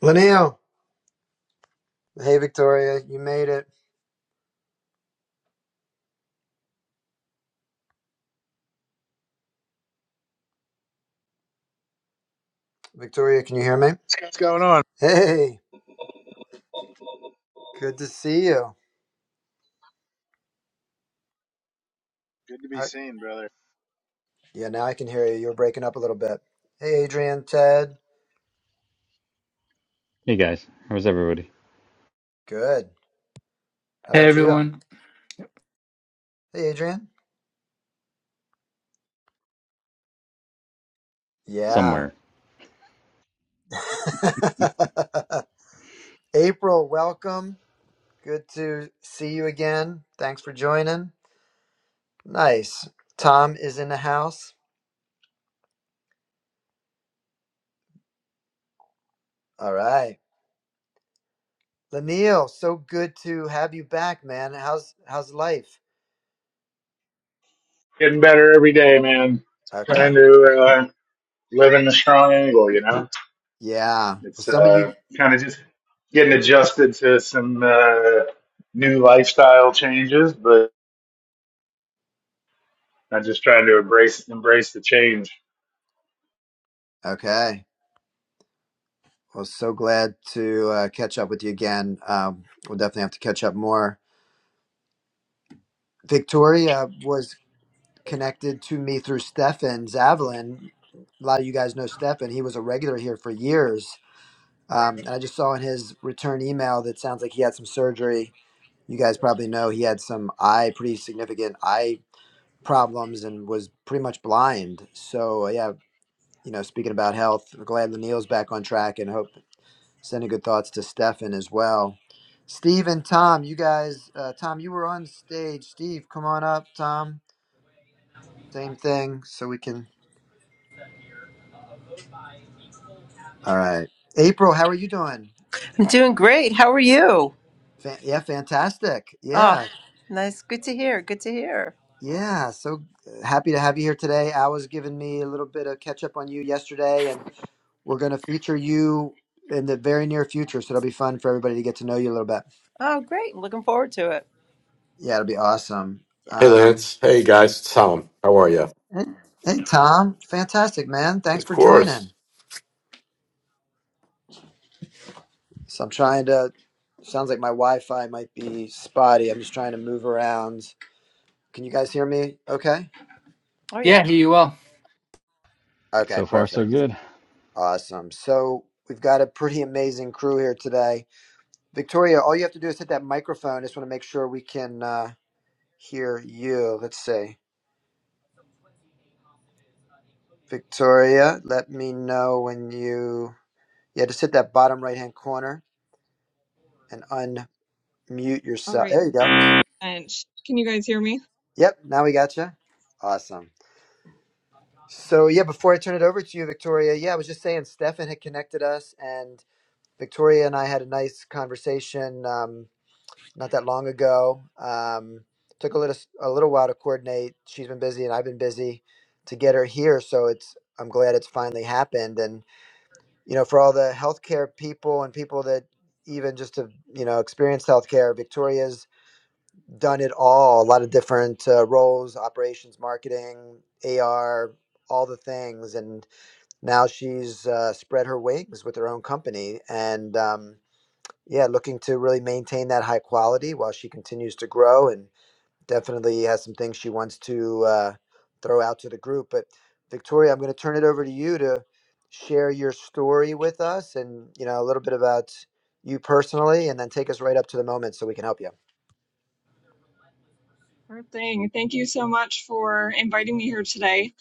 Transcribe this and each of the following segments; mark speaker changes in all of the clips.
Speaker 1: Linnell. Hey, Victoria. You made it. Victoria, can you hear me?
Speaker 2: What's going on?
Speaker 1: Hey, good to see you.
Speaker 2: Good to be
Speaker 1: I,
Speaker 2: seen, brother.
Speaker 1: yeah, now I can hear you. You're breaking up a little bit. Hey, Adrian, Ted.
Speaker 3: Hey guys, how's everybody?
Speaker 1: Good. How
Speaker 4: Hey
Speaker 1: about you?
Speaker 4: everyone.
Speaker 1: Hey, Adrian. Yeah.
Speaker 3: Somewhere.
Speaker 1: April, welcome. Good to see you again. Thanks for joining. Nice. Tom is in the house. All right. Lanil, so good to have you back, man. How's how's life?
Speaker 2: Getting better every day, man. Trying
Speaker 1: Okay.
Speaker 2: to uh, live in the strong angle, you know.
Speaker 1: Yeah. Well,
Speaker 2: It's
Speaker 1: some of you
Speaker 2: uh, kind of just getting adjusted to some uh, new lifestyle changes, but I'm just trying to embrace embrace the change.
Speaker 1: Okay. Well, so glad to uh, catch up with you again. Um, we'll definitely have to catch up more. Victoria was connected to me through Stefan Zavalin. A lot of you guys know Stefan. He was a regular here for years. Um, and I just saw in his return email that sounds like he had some surgery. You guys probably know he had some eye, pretty significant eye problems and was pretty much blind. So, yeah, you know, speaking about health, glad Lanil's back on track and hope. Sending good thoughts to Stefan as well. Steve and Tom, you guys, uh, Tom, you were on stage. Steve, come on up. Tom, same thing, so we can. All right. April, how are you doing?
Speaker 5: I'm doing great. How are you?
Speaker 1: Fan- yeah, fantastic.
Speaker 5: Oh,
Speaker 1: Yeah,
Speaker 5: nice. Good to hear. Good to hear.
Speaker 1: yeah. So uh, happy to have you here today. I was giving me a little bit of catch up on you yesterday, and we're going to feature you in the very near future. So it'll be fun for everybody to get to know you a little bit.
Speaker 5: Oh, great. I'm Looking forward to it.
Speaker 1: Yeah, it'll be awesome.
Speaker 5: Yeah.
Speaker 6: Hey,
Speaker 1: Um,
Speaker 6: Lance. Hey, guys. It's Tom. How are you?
Speaker 1: hey, hey, Tom, fantastic, man. Thanks
Speaker 6: Of
Speaker 1: for joining.
Speaker 6: course.
Speaker 1: So I'm trying to. Sounds like my Wi-Fi might be spotty. I'm just trying to move around. Can you guys hear me? Okay.
Speaker 5: Oh, yeah.
Speaker 4: Yeah, here you are.
Speaker 1: Okay.
Speaker 3: So far, so
Speaker 1: Perfect.
Speaker 3: good.
Speaker 1: Awesome. So we've got a pretty amazing crew here today. Victoria, all you have to do is hit that microphone. I just want to make sure we can uh, hear you. Let's see. Victoria, let me know when you. Yeah, just hit that bottom right-hand corner and unmute
Speaker 7: All
Speaker 1: yourself.
Speaker 7: right,
Speaker 1: There you go.
Speaker 7: bench. Can you guys hear me?
Speaker 1: Yep. Now we got you. Awesome. So yeah, before I turn it over to you, Victoria, yeah, I was just saying Stefan had connected us, and Victoria and I had a nice conversation um, not that long ago. Um, took a little a little while to coordinate. She's been busy, and I've been busy to get her here. So it's I'm glad it's finally happened. And you know, for all the healthcare people and people that even just have you know experienced healthcare, Victoria's done it all. A lot of different uh, roles, operations, marketing, AR, all the things, and now she's uh, spread her wings with her own company and um, yeah looking to really maintain that high quality while she continues to grow and definitely has some things she wants to uh, throw out to the group but victoria i'm going to turn it over to you to share your story with us and you know a little bit about you personally and then take us right up to the moment so we can help you
Speaker 7: Sure thing. Thank you so much for inviting me here today.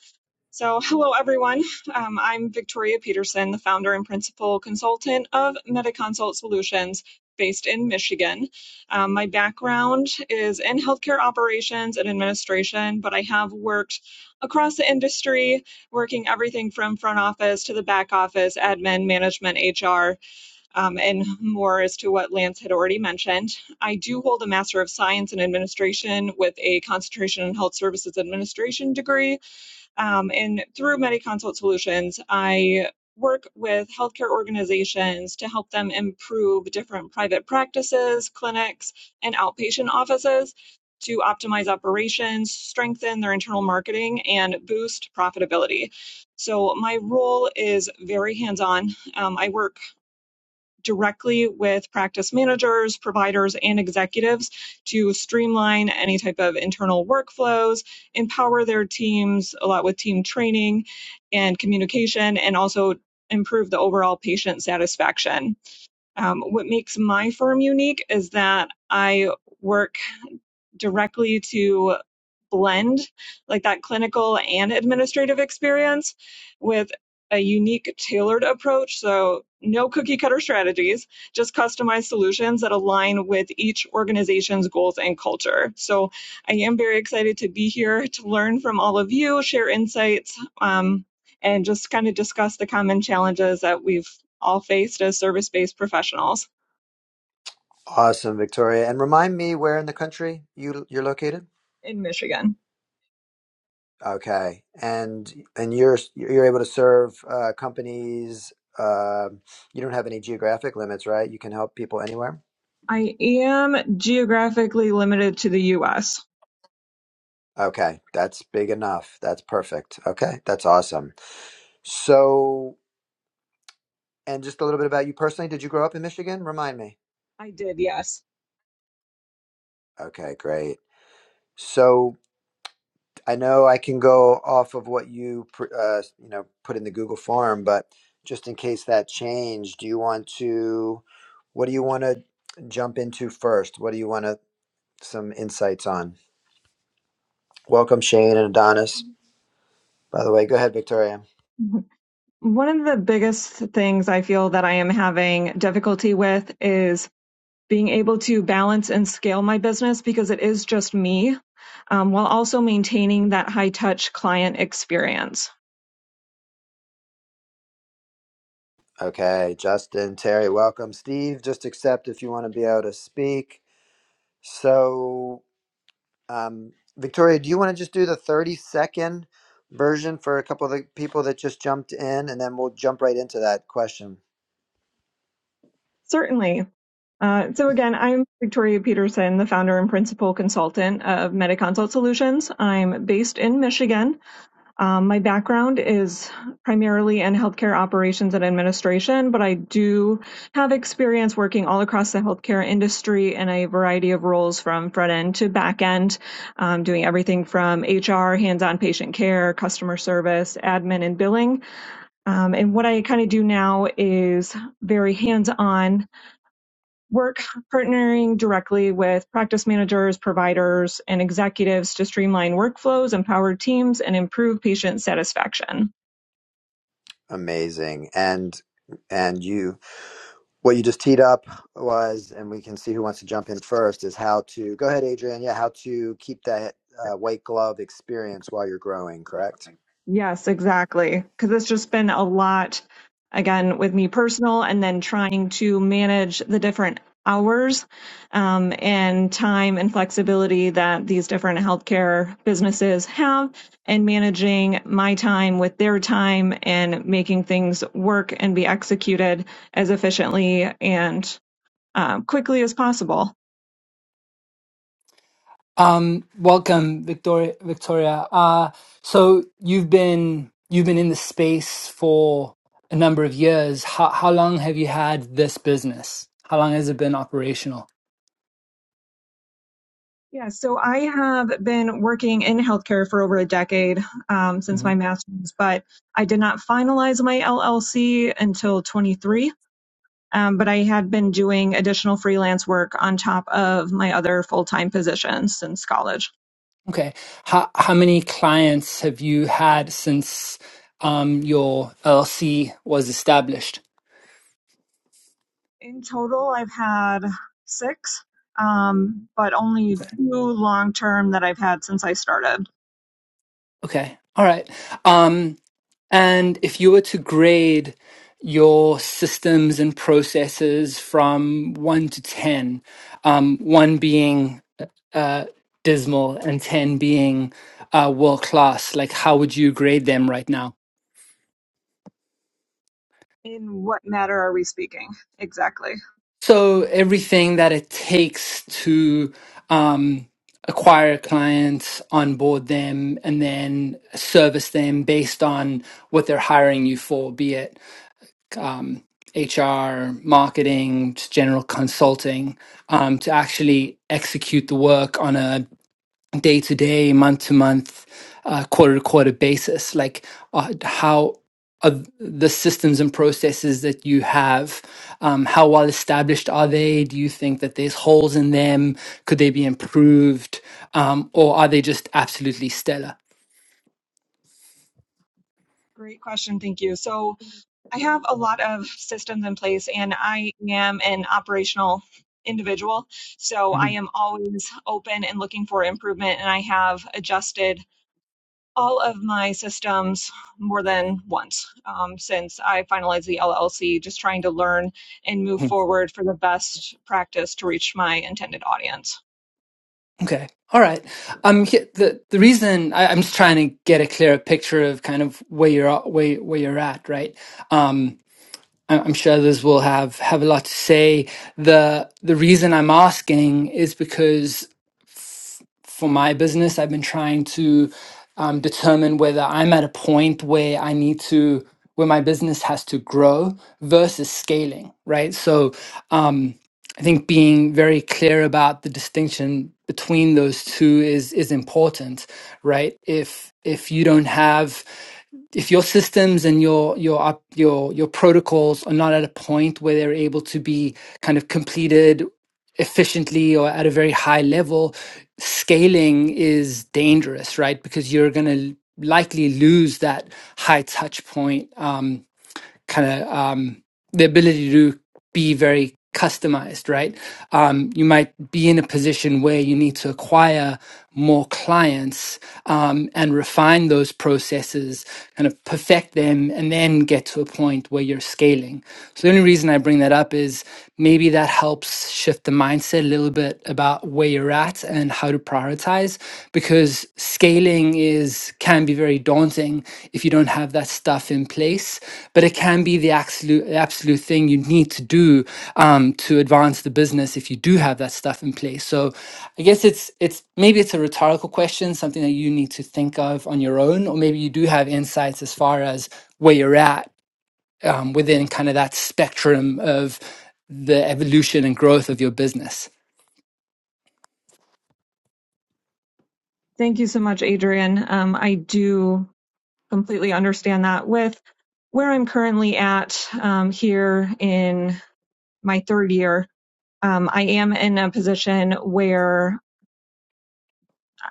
Speaker 7: So, hello everyone. Um, I'm Victoria Peterson, the founder and principal consultant of MediConsult Solutions based in Michigan. Um, my background is in healthcare operations and administration, but I have worked across the industry, working everything from front office to the back office, admin, management, HR. um, and more as to what Lance had already mentioned. I do hold a Master of Science in Administration with a concentration in Health Services Administration degree. Um, and through MediConsult Solutions, I work with healthcare organizations to help them improve different private practices, clinics, and outpatient offices to optimize operations, strengthen their internal marketing, and boost profitability. So, my role is very hands on. I work directly with practice managers, providers, and executives to streamline any type of internal workflows, empower their teams a lot with team training and communication, and also improve the overall patient satisfaction. Um, what makes my firm unique is that I work directly to blend like that clinical and administrative experience with a unique tailored approach. So no cookie cutter strategies, just customized solutions that align with each organization's goals and culture. So I am very excited to be here to learn from all of you, share insights, um, and just kind of discuss the common challenges that we've all faced as service based professionals
Speaker 1: awesome victoria and remind me where in the country you you're located
Speaker 7: in Michigan.
Speaker 1: Okay, and and you're you're able to serve uh, companies. Uh, you don't have any geographic limits, right? You can help people anywhere.
Speaker 7: I am geographically limited to the US.
Speaker 1: Okay, that's big enough. That's perfect. Okay, that's awesome. So, and just a little bit about you personally. Did you grow up in Michigan? Remind me.
Speaker 7: I did, yes.
Speaker 1: Okay, great. So I know I can go off of what you pr- uh, you know put in the Google form, but just in case that changed, do you want to? What do you want to jump into first? What do you want to? some insights on. Welcome, Shane and Adonis. By the way, go ahead, Victoria.
Speaker 7: One of the biggest things I feel that I am having difficulty with is being able to balance and scale my business because it is just me um, while also maintaining that high touch client experience.
Speaker 1: Okay, Justin, Terry, welcome. Steve, just accept if you want to be able to speak. So, um, Victoria, do you want to just do the 30 second version for a couple of the people that just jumped in, and then we'll jump right into that question.
Speaker 7: Certainly. Uh, so again, I'm Victoria Peterson, the founder and principal consultant of MetaConsult Solutions. I'm based in Michigan. Um, my background is primarily in healthcare operations and administration, but I do have experience working all across the healthcare industry in a variety of roles from front end to back end, um, doing everything from HR, hands-on patient care, customer service, admin, and billing. Um, and what I kind of do now is very hands-on work partnering directly with practice managers, providers, and executives to streamline workflows, empower teams, and improve patient satisfaction.
Speaker 1: Amazing, and and you. what you just teed up was, and we can see who wants to jump in first, is how to go ahead, Adrian. Yeah, how to keep that uh, white glove experience while you're growing, correct?
Speaker 7: Yes, exactly. Because it's just been a lot, again, with me personal, and then trying to manage the different hours um, and time and flexibility that these different healthcare businesses have, and managing my time with their time and making things work and be executed as efficiently and um, quickly as possible.
Speaker 4: Um, welcome, Victoria. Victoria. Uh, so you've been you've been in the space for a number of years. How how long have you had this business? How long has it been operational?
Speaker 7: Yeah, so I have been working in healthcare for over a decade um, since my
Speaker 4: Mhm.
Speaker 7: master's, but I did not finalize my LLC until 23. Um, but I had been doing additional freelance work on top of my other full time positions since college.
Speaker 4: Okay. How how many clients have you had since um your LLC was established?
Speaker 7: In total, I've had six, um, but only two long term that I've had since I started.
Speaker 4: Okay. All right. Um, And if you were to grade your systems and processes from one to 10, um, one being uh, uh, dismal and 10 being uh, world class, like how would you grade them right now?
Speaker 7: In what matter are we speaking? Exactly.
Speaker 4: So, everything that it takes to um, acquire a client, onboard them, and then service them based on what they're hiring you for, be it um, HR, marketing, just general consulting, um, to actually execute the work on a day to day, month to month, quarter to quarter basis. Like uh, how are the systems and processes that you have, um, how well established are they? Do you think that there's holes in them? Could they be improved? Um, or are they just absolutely stellar?
Speaker 7: Great question. Thank you. So, I have a lot of systems in place and I am an operational individual. So I am always open and looking for improvement and I have adjusted all of my systems more than once um, since I finalized the LLC, just trying to learn and move forward for the best practice to reach my intended audience.
Speaker 4: Okay. All right. Um, he- the the reason I, I'm just trying to get a clearer picture of kind of where you're at- where where you're at, right? Um, I- I'm sure others will have have a lot to say. the The reason I'm asking is because f- for my business, I've been trying to um, determine whether I'm at a point where I need to where my business has to grow versus scaling. Right, so um, I think being very clear about the distinction between those two is is important. Right, if if you don't have if your systems and your your op, your your protocols are not at a point where they're able to be kind of completed efficiently or at a very high level scaling is dangerous right because you're going to likely lose that high touch point um, kind of um, the ability to be very customized, right? Um, you might be in a position where you need to acquire more clients um, and refine those processes, kind of perfect them, and then get to a point where you're scaling. So the only reason I bring that up is maybe that helps shift the mindset a little bit about where you're at and how to prioritize prioritize because scaling is can be very daunting if you don't have that stuff in place but it can be the absolute absolute thing you need to do um, to advance the business if you do have that stuff in place so i guess it's it's maybe it's a rhetorical question something that you need to think of on your own or maybe you do have insights as far as where you're at um, within kind of that spectrum of the evolution and growth of your business
Speaker 7: Thank you so much, Adrian. Um, I do completely understand that. With where I'm currently at um, here in my third year, um, I am in a position where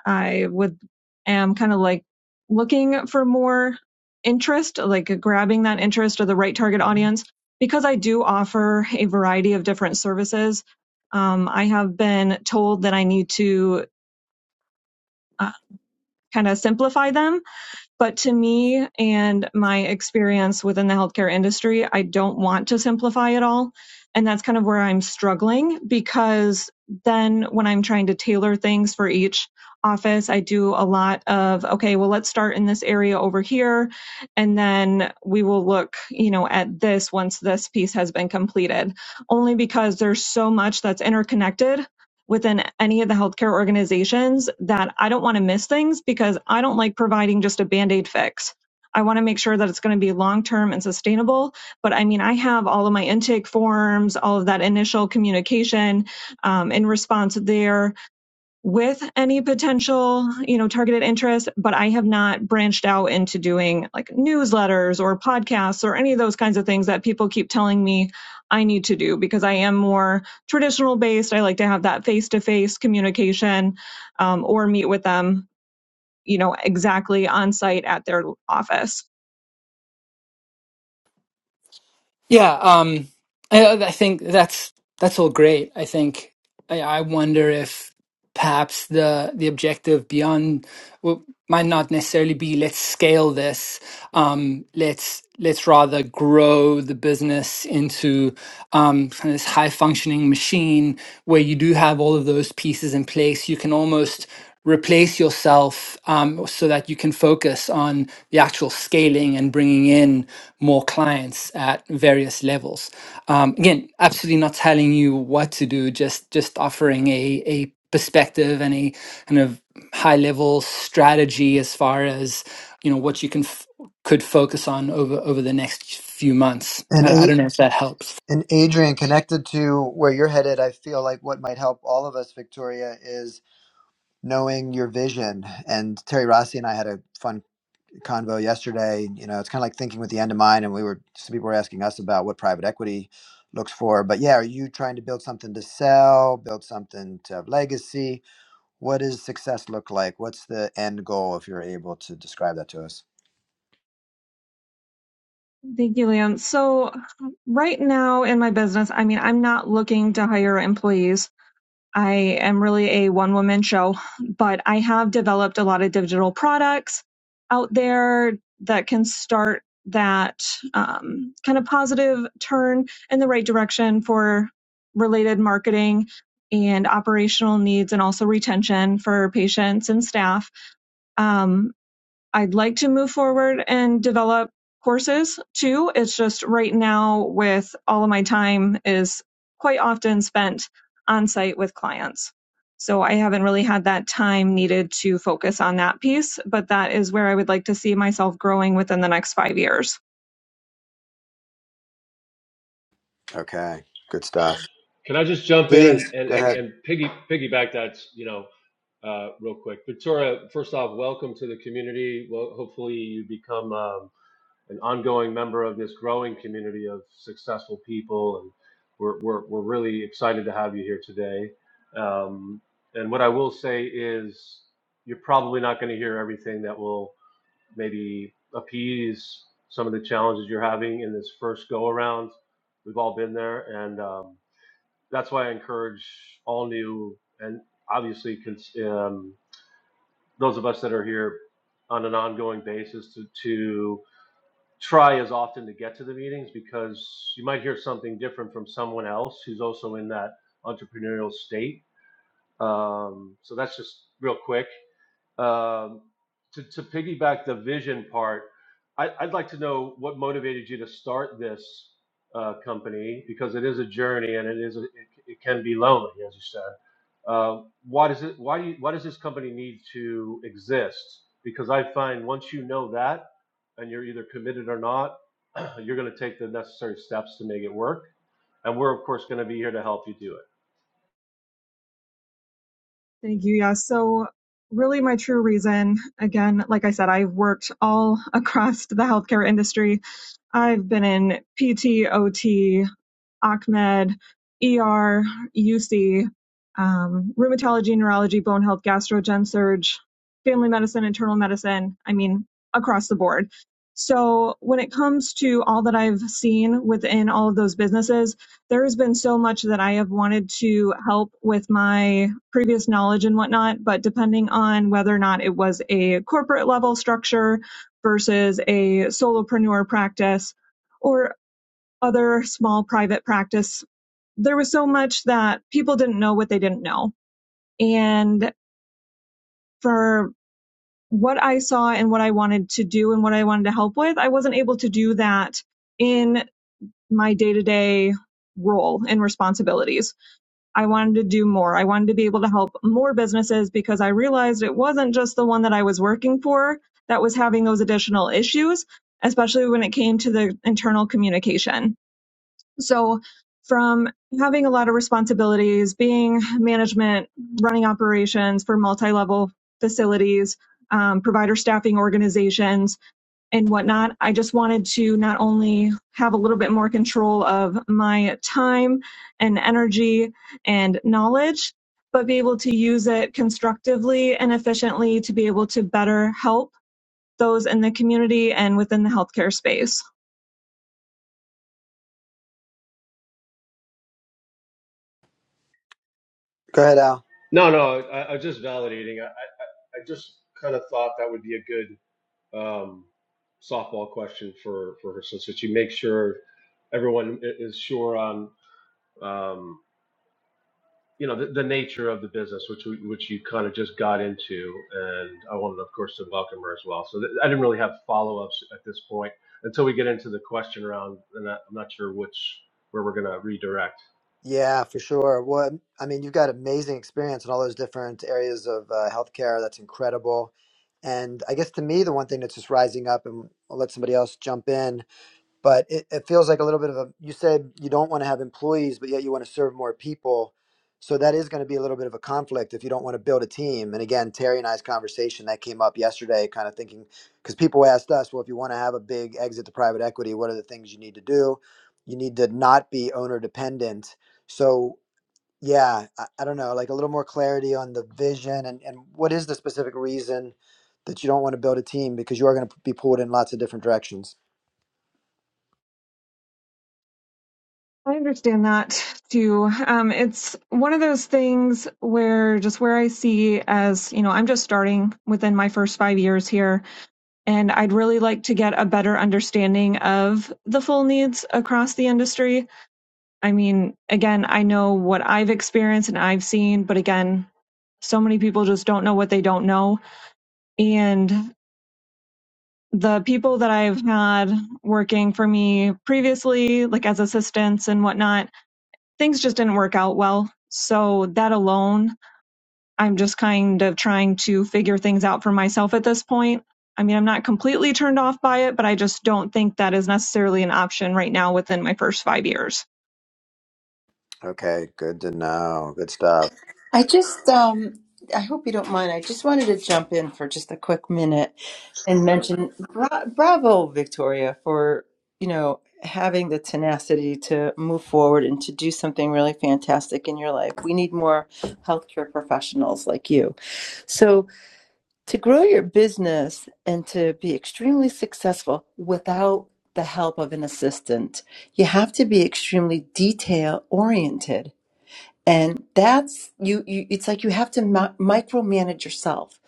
Speaker 7: I would am kind of like looking for more interest, like grabbing that interest or the right target audience, because I do offer a variety of different services. Um, I have been told that I need to uh, kind of simplify them but to me and my experience within the healthcare industry, I don't want to simplify it all. And that's kind of where I'm struggling because then when I'm trying to tailor things for each office, I do a lot of, okay, well, let's start in this area over here. And then we will look, you know, at this once this piece has been completed, only because there's so much that's interconnected within any of the healthcare organizations that I don't want to miss things because I don't like providing just a band aid fix. I want to make sure that it's going to be long term and sustainable. But I mean, I have all of my intake forms, all of that initial communication um, in response there with any potential, you know, targeted interest, but I have not branched out into doing like newsletters or podcasts or any of those kinds of things that people keep telling me I need to do because I am more traditional based. I like to have that face to face communication um, or meet with them, you know, exactly on site at their office.
Speaker 4: Yeah, um, I, I think that's that's all great. I think I, I wonder if perhaps the the objective beyond well, might not necessarily be let's scale this um, let's let's rather grow the business into um, kind of this high functioning machine where you do have all of those pieces in place you can almost replace yourself um, so that you can focus on the actual scaling and bringing in more clients at various levels um, again absolutely not telling you what to do just just offering a a perspective and a kind of high level strategy as far as you know what you can f- could focus on over over the next few months
Speaker 1: And
Speaker 4: i, I don't
Speaker 1: A-
Speaker 4: know if that helps
Speaker 1: and Adrian, connected to where you're headed, I feel like what might help all of us, Victoria, is knowing your vision. And Terry Rossi and I had a fun convo yesterday. You know, it's kind of like thinking with the end in mind, and we were some people were asking us about what private equity looks for. But yeah, are you trying to build something to sell, build something to have legacy? What does success look like? What's the end goal if you're able to describe that to us?
Speaker 7: Thank you, Liam. So, right now in my business, I mean, I'm not looking to hire employees I am really a one woman show, but I have developed a lot of digital products out there that can start that um, kind of positive turn in the right direction for related marketing and operational needs and also retention for patients and staff. Um, I'd like to move forward and develop courses too. It's just right now with all of my time is quite often spent on site with clients. So I haven't really had that time needed to focus on that piece, but that is where I would like to see myself growing within the next five years.
Speaker 1: Okay, good stuff.
Speaker 8: Can I just jump in
Speaker 1: Please
Speaker 8: and and
Speaker 1: go
Speaker 8: and,
Speaker 1: ahead.
Speaker 8: and piggy piggyback that you know uh, real quick, Victoria? First off, welcome to the community. Well, hopefully you become um, an ongoing member of this growing community of successful people, and we're we're we're really excited to have you here today. Um, and what I will say is, you're probably not going to hear everything that will maybe appease some of the challenges you're having in this first go around. We've all been there, and um, that's why I encourage all new and obviously cons- um, those of us that are here on an ongoing basis to, to try as often to get to the meetings because you might hear something different from someone else who's also in that entrepreneurial state. Um, so that's just real quick. Um, to, to piggyback the vision part, I, I'd like to know what motivated you to start this uh, company because it is a journey and it is a, it, it can be lonely, as you said. Uh, why does it? Why do you, Why does this company need to exist? Because I find once you know that, and you're either committed or not, you're going to take the necessary steps to make it work. And we're of course going to be here to help you do it.
Speaker 7: Thank you. Yeah. So, really, my true reason, again, like I said, I've worked all across the healthcare industry. I've been in PTOT. Achmed, ER, UC, um, rheumatology, neurology, bone health, gastro, gen surge, family medicine, internal medicine. I mean, across the board. So when it comes to all that I've seen within all of those businesses, there has been so much that I have wanted to help with my previous knowledge and whatnot. But depending on whether or not it was a corporate level structure versus a solopreneur practice, or other small private practice, there was so much that people didn't know what they didn't know. And for what I saw and what I wanted to do and what I wanted to help with, I wasn't able to do that in my day to day role and responsibilities. I wanted to do more. I wanted to be able to help more businesses because I realized it wasn't just the one that I was working for that was having those additional issues, especially when it came to the internal communication So, from having a lot of responsibilities, being management, running operations for multi level facilities, um, provider staffing organizations, and whatnot, I just wanted to not only have a little bit more control of my time and energy and knowledge, but be able to use it constructively and efficiently to be able to better help those in the community and within the healthcare space.
Speaker 1: Go ahead, Al.
Speaker 8: No, no, I, I was just validating. I, I, I just kind of thought that would be a good um, softball question for for her, so that you make sure everyone i- is sure on um, you know the, the nature of the business, which we, which you kind of just got into, and I wanted, of course, to welcome her as well. So th- I didn't really have follow ups at this point until we get into the question round, and I- I'm not sure which where we're gonna redirect.
Speaker 1: Yeah, for sure. What I mean, you've got amazing experience in all those different areas of uh, healthcare. That's incredible. And I guess to me, the one thing that's just rising up, and I'll let somebody else jump in, but it, it feels like a little bit of a you said you don't want to have employees but yet you want to serve more people so that is going to be a little bit of a conflict if you don't want to build a team and again terry and i's conversation that came up yesterday kind of thinking because people asked us well if you want to have a big exit to private equity what are the things you need to do you need to not be owner dependent so yeah i, I don't know like a little more clarity on the vision and, and what is the specific reason that you don't want to build a team because you are going to be pulled in lots of different directions
Speaker 7: I understand that too. Um, it's one of those things where just where I see as, you know, I'm just starting within my first five years here, and I'd really like to get a better understanding of the full needs across the industry. I mean, again, I know what I've experienced and I've seen, but again, so many people just don't know what they don't know. And the people that I've had working for me previously, like as assistants and whatnot, things just didn't work out well. So that alone, I'm just kind of trying to figure things out for myself at this point. I mean, I'm not completely turned off by it, but I just don't think that is necessarily an option right now within my first five years.
Speaker 1: Okay, good to know. Good stuff.
Speaker 5: I just, um, I hope you don't mind. I just wanted to jump in for just a quick minute and mention bra- bravo, Victoria, for, you know, having the tenacity to move forward and to do something really fantastic in your life. We need more healthcare professionals like you. So. to grow your business and to be extremely successful without the help of an assistant you have to be extremely detail oriented and that's you, you it's like you have to mi- micromanage yourself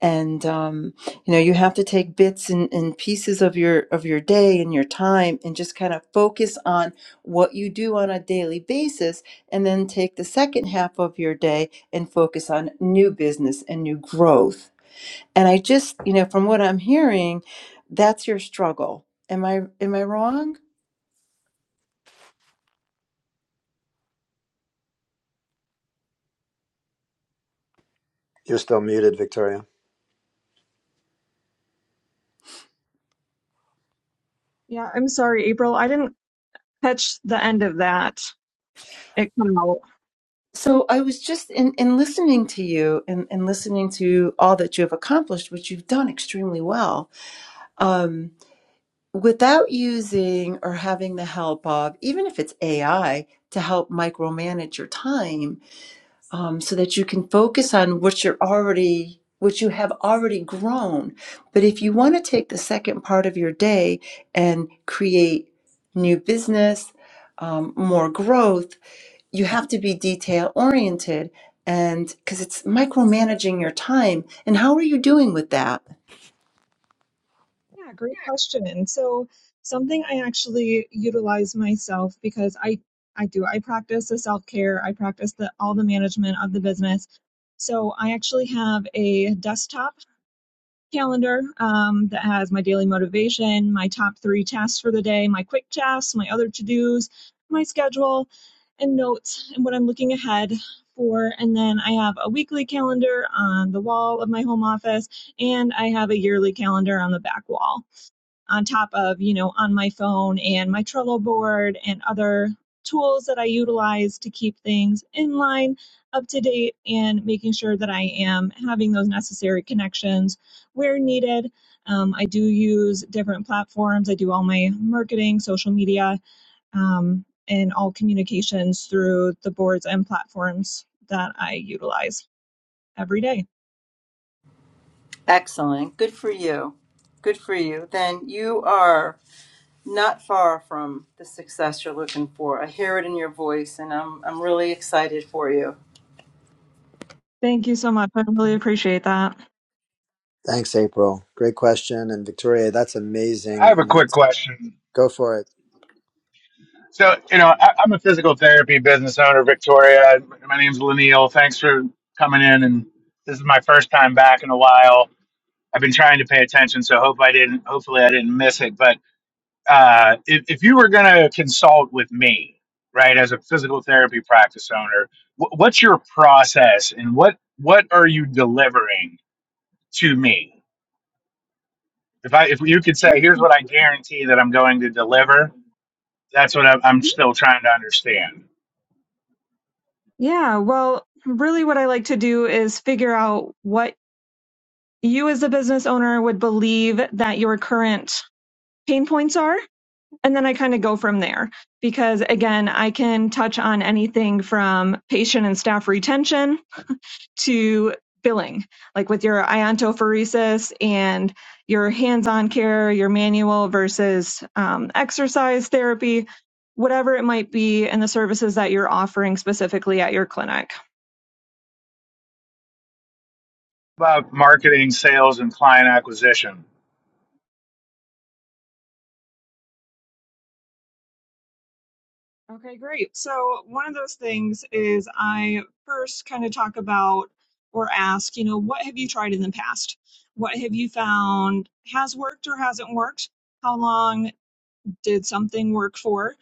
Speaker 5: and um, you know you have to take bits and, and pieces of your of your day and your time and just kind of focus on what you do on a daily basis and then take the second half of your day and focus on new business and new growth and I just, you know, from what I'm hearing, that's your struggle. Am I am I wrong?
Speaker 1: You're still muted, Victoria.
Speaker 7: Yeah, I'm sorry, April. I didn't catch the end of that. It cut out.
Speaker 5: So I was just in, in listening to you and, and listening to all that you have accomplished, which you've done extremely well, um, without using or having the help of, even if it's AI, to help micromanage your time um, so that you can focus on what you're already what you have already grown but if you want to take the second part of your day and create new business um, more growth you have to be detail oriented and because it's micromanaging your time and how are you doing with that
Speaker 7: Yeah, great question. so something I actually utilize myself because I I do I practice the self-care, I practice the all the management of the business. So I actually have a desktop calendar um, that has my daily motivation, my top three tasks for the day, my quick tasks, my other to-dos, my schedule, and notes and what I'm looking ahead for. And then I have a weekly calendar on the wall of my home office, and I have a yearly calendar on the back wall on top of, you know, on my phone and my Trello board and other tools that I utilize to keep things in line, up to date, and making sure that I am having those necessary connections where needed. Um, I do use different platforms. I do all my marketing, social media, um, and all communications through the boards and platforms that I utilize every day.
Speaker 5: Excellent. Good for you. Good for you. Then you are not far from the success you're looking for. I hear it in your voice, and I'm, I'm really excited for you.
Speaker 7: Thank you so much. I really appreciate that.
Speaker 1: Thanks, April. Great question. And Victoria, that's
Speaker 2: I
Speaker 1: amazing
Speaker 2: have a quick
Speaker 1: amounts.
Speaker 2: question.
Speaker 1: Go for it.
Speaker 2: So, you know, I, I'm a physical therapy business owner, Victoria. My name's Lanil. Thanks for coming in, and this is my first time back in a while. I've been trying to pay attention, so hope I didn't. Hopefully, I didn't miss it, but. uh, if, if you were going to consult with me, right, as a physical therapy practice owner, wh- what's your process and what what are you delivering to me? If I if you could say, here's what I guarantee that I'm going to deliver,
Speaker 7: Mm-hmm.
Speaker 2: that's what I'm, I'm still trying to understand.
Speaker 7: Yeah, well, really what I like to do is figure out what you as a business owner would believe that your current pain points are. And then I kind of go from there because again, I can touch on anything from patient and staff retention to billing, like with your iontophoresis and your hands-on care, your manual versus um, exercise therapy, whatever it might be, and the services that you're offering specifically at your clinic.
Speaker 2: About marketing, sales, and client acquisition.
Speaker 7: Okay, great. So one of those things is I first kind of talk about or ask, you know, what have you tried in the past? What have you found has worked or hasn't worked? How long did something work for?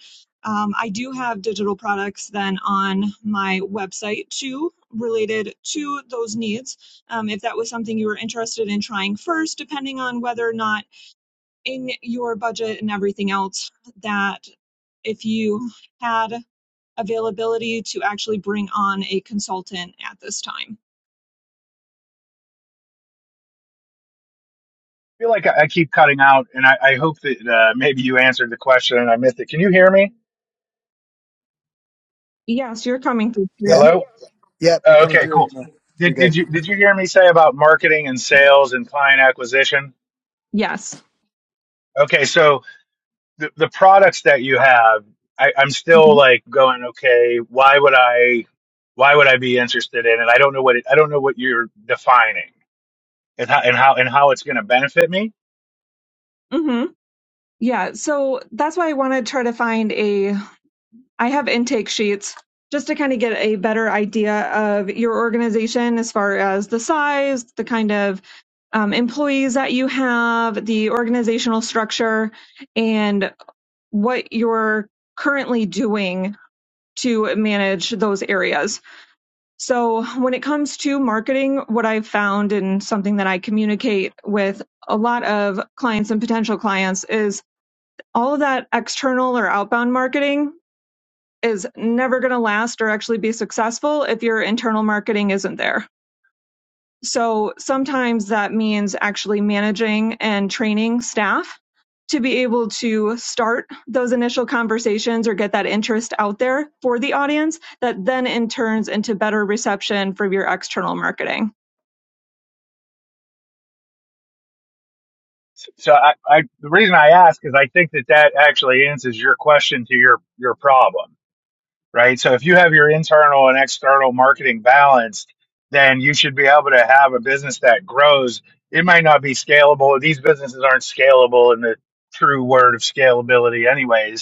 Speaker 7: Um, I do have digital products then on my website too, related to those needs. Um, if that was something you were interested in trying first, depending on whether or not in your budget and everything else that if you had availability to actually bring on a consultant at this time.
Speaker 2: feel like I, I keep cutting out, and I, I hope that uh, maybe you answered the question and I missed it. Can you hear me?
Speaker 7: Yes, you're coming through. clear.
Speaker 1: Yeah.
Speaker 2: Hello.
Speaker 1: Yep. You're
Speaker 2: Oh,
Speaker 1: coming
Speaker 2: okay, cool.
Speaker 1: through. Lanil. You're
Speaker 2: Did, did
Speaker 1: good.
Speaker 2: you did you hear me say about marketing and sales and client acquisition?
Speaker 7: Yes.
Speaker 2: Okay, so the, the products that you have, I, I'm still
Speaker 7: hmm
Speaker 2: like going, okay, why would I why would I be interested in it? I don't know what it, I don't know what you're defining and how and how, and how it's going to benefit me.
Speaker 7: hmm Yeah. So that's why I want to try to find a. I have intake sheets just to kind of get a better idea of your organization as far as the size, the kind of um, employees that you have, the organizational structure, and what you're currently doing to manage those areas. So, when it comes to marketing, what I've found and something that I communicate with a lot of clients and potential clients is all of that external or outbound marketing is never going to last or actually be successful if your internal marketing isn't there. So sometimes that means actually managing and training staff to be able to start those initial conversations or get that interest out there for the audience that then in turns into better reception for your external marketing.
Speaker 2: So so I, I the reason I ask is I think that that actually answers your question to your your problem right? So if you have your internal and external marketing balanced, then you should be able to have a business that grows. It might not be scalable. These businesses aren't scalable in the true word of scalability, anyways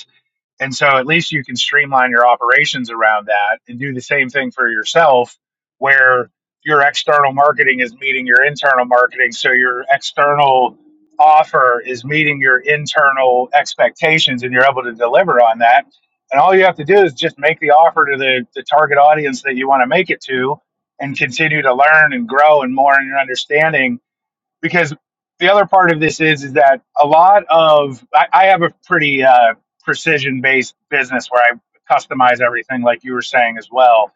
Speaker 2: and so at least you can streamline your operations around that and do the same thing for yourself where your external marketing is meeting your internal marketing. So your external offer is meeting your internal expectations and you're able to deliver on that. And all you have to do is just make the offer to the, the target audience that you want to make it to and continue to learn and grow and more in your understanding because the other part of this is is that a lot of I, I have a pretty uh, precision based business where I customize everything, like you were saying as well.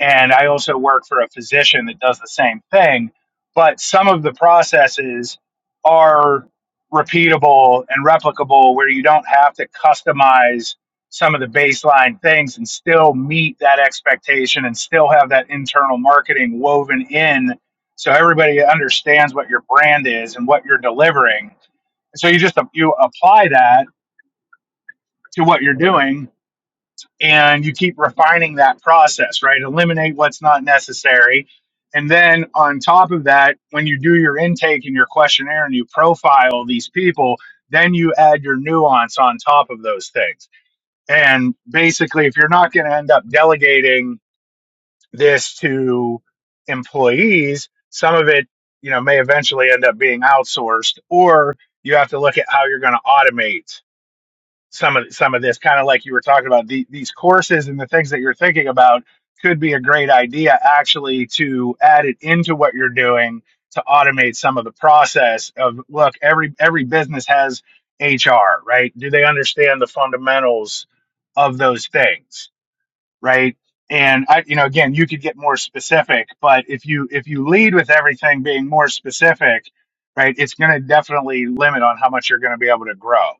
Speaker 2: And I also work for a physician that does the same thing, but some of the processes are repeatable and replicable where you don't have to customize some of the baseline things and still meet that expectation and still have that internal marketing woven in so everybody understands what your brand is and what you're delivering. So you just you apply that to what you're doing, and you keep refining that process, right? Eliminate what's not necessary, and then on top of that, when you do your intake and your questionnaire and you profile these people, then you add your nuance on top of those things. And basically, if you're not going to end up delegating this to employees, some of it, you know, may eventually end up being outsourced, or you have to look at how you're going to automate some of some of this. Kind of like you were talking about the, these courses and the things that you're thinking about could be a great idea actually to add it into what you're doing to automate some of the process of look every every business has HR right do they understand the fundamentals of those things right? And I, you know, again, you could get more specific, but if you if you lead with everything being more specific, right, it's going to definitely limit on how much you're going to be able to grow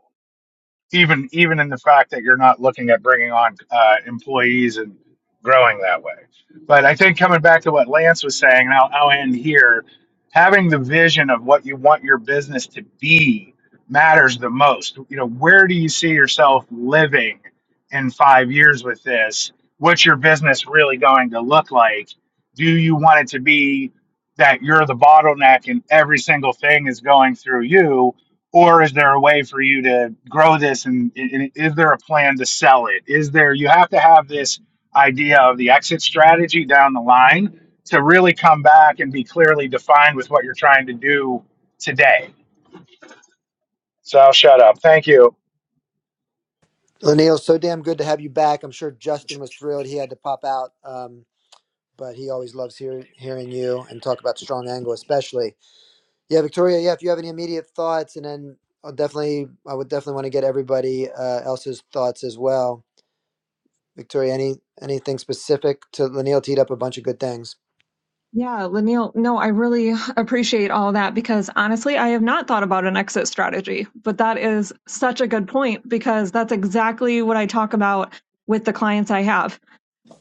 Speaker 2: even even in the fact that you're not looking at bringing on uh, employees and growing that way. But I think coming back to what Lance was saying, and I'll, I'll end here, having the vision of what you want your business to be matters the most. You know, where do you see yourself living in five years with this? What's your business really going to look like? Do you want it to be that you're the bottleneck and every single thing is going through you? or is there a way for you to grow this and, and is there a plan to sell it is there you have to have this idea of the exit strategy down the line to really come back and be clearly defined with what you're trying to do today so i'll shut up thank you
Speaker 1: Lanil, so damn good to have you back. I'm sure Justin was thrilled he had to pop out, um, but he always loves hear, hearing you and talk about strong angle, especially. Yeah, Victoria. Yeah, if you have any immediate thoughts, and then I'll definitely, I would definitely want to get everybody uh, else's thoughts as well. Victoria, any anything specific to Lanil teed up a bunch of good things.
Speaker 7: Yeah, Lanil, no, I really appreciate all that because honestly, I have not thought about an exit strategy, but that is such a good point because that's exactly what I talk about with the clients I have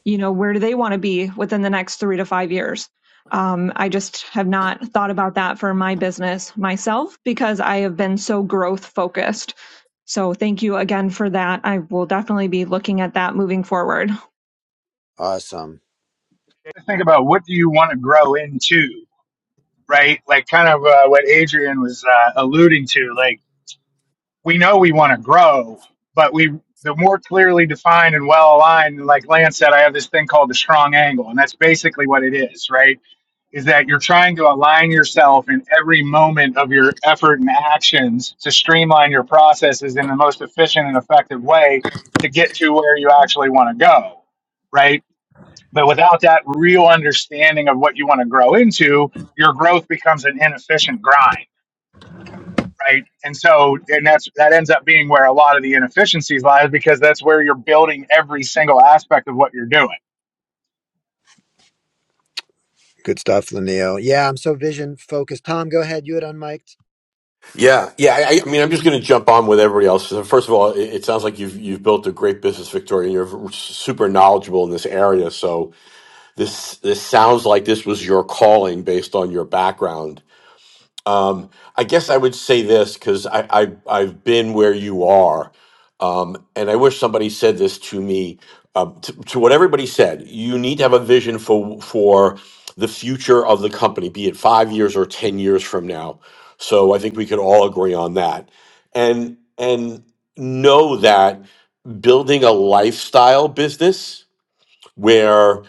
Speaker 7: you know where do they want to be within the next three to five years um, i just have not thought about that for my business myself because i have been so growth focused so thank you again for that i will definitely be looking at that moving forward
Speaker 1: Awesome.
Speaker 2: think about what do you want to grow into right like kind of uh, what adrian was uh, alluding to like we know we want to grow, but we the more clearly defined and well aligned, like Lance said, I have this thing called the strong angle, and that's basically what it is, right? Is that you're trying to align yourself in every moment of your effort and actions to streamline your processes in the most efficient and effective way to get to where you actually want to go, right? But without that real understanding of what you want to grow into, your growth becomes an inefficient grind right? And so, and that's that ends up being where a lot of the inefficiencies lies because that's where you're building every single aspect of what you're doing.
Speaker 1: Good stuff, Lanil. Yeah, I'm so vision focused. Tom, go ahead. You had unmiked.
Speaker 6: Yeah, yeah. I, I mean, I'm just going to jump on with everybody else. So First of all, it, it sounds like you've you've built a great business, Victoria. and You're super knowledgeable in this area. So this this sounds like this was your calling based on your background Um, I guess I would say this because I, I I've been where you are, um, and I wish somebody said this to me. Um, to, to what everybody said, you need to have a vision for for the future of the company, be it five years or ten years from now. So I think we could all agree on that, and and know that building a lifestyle business where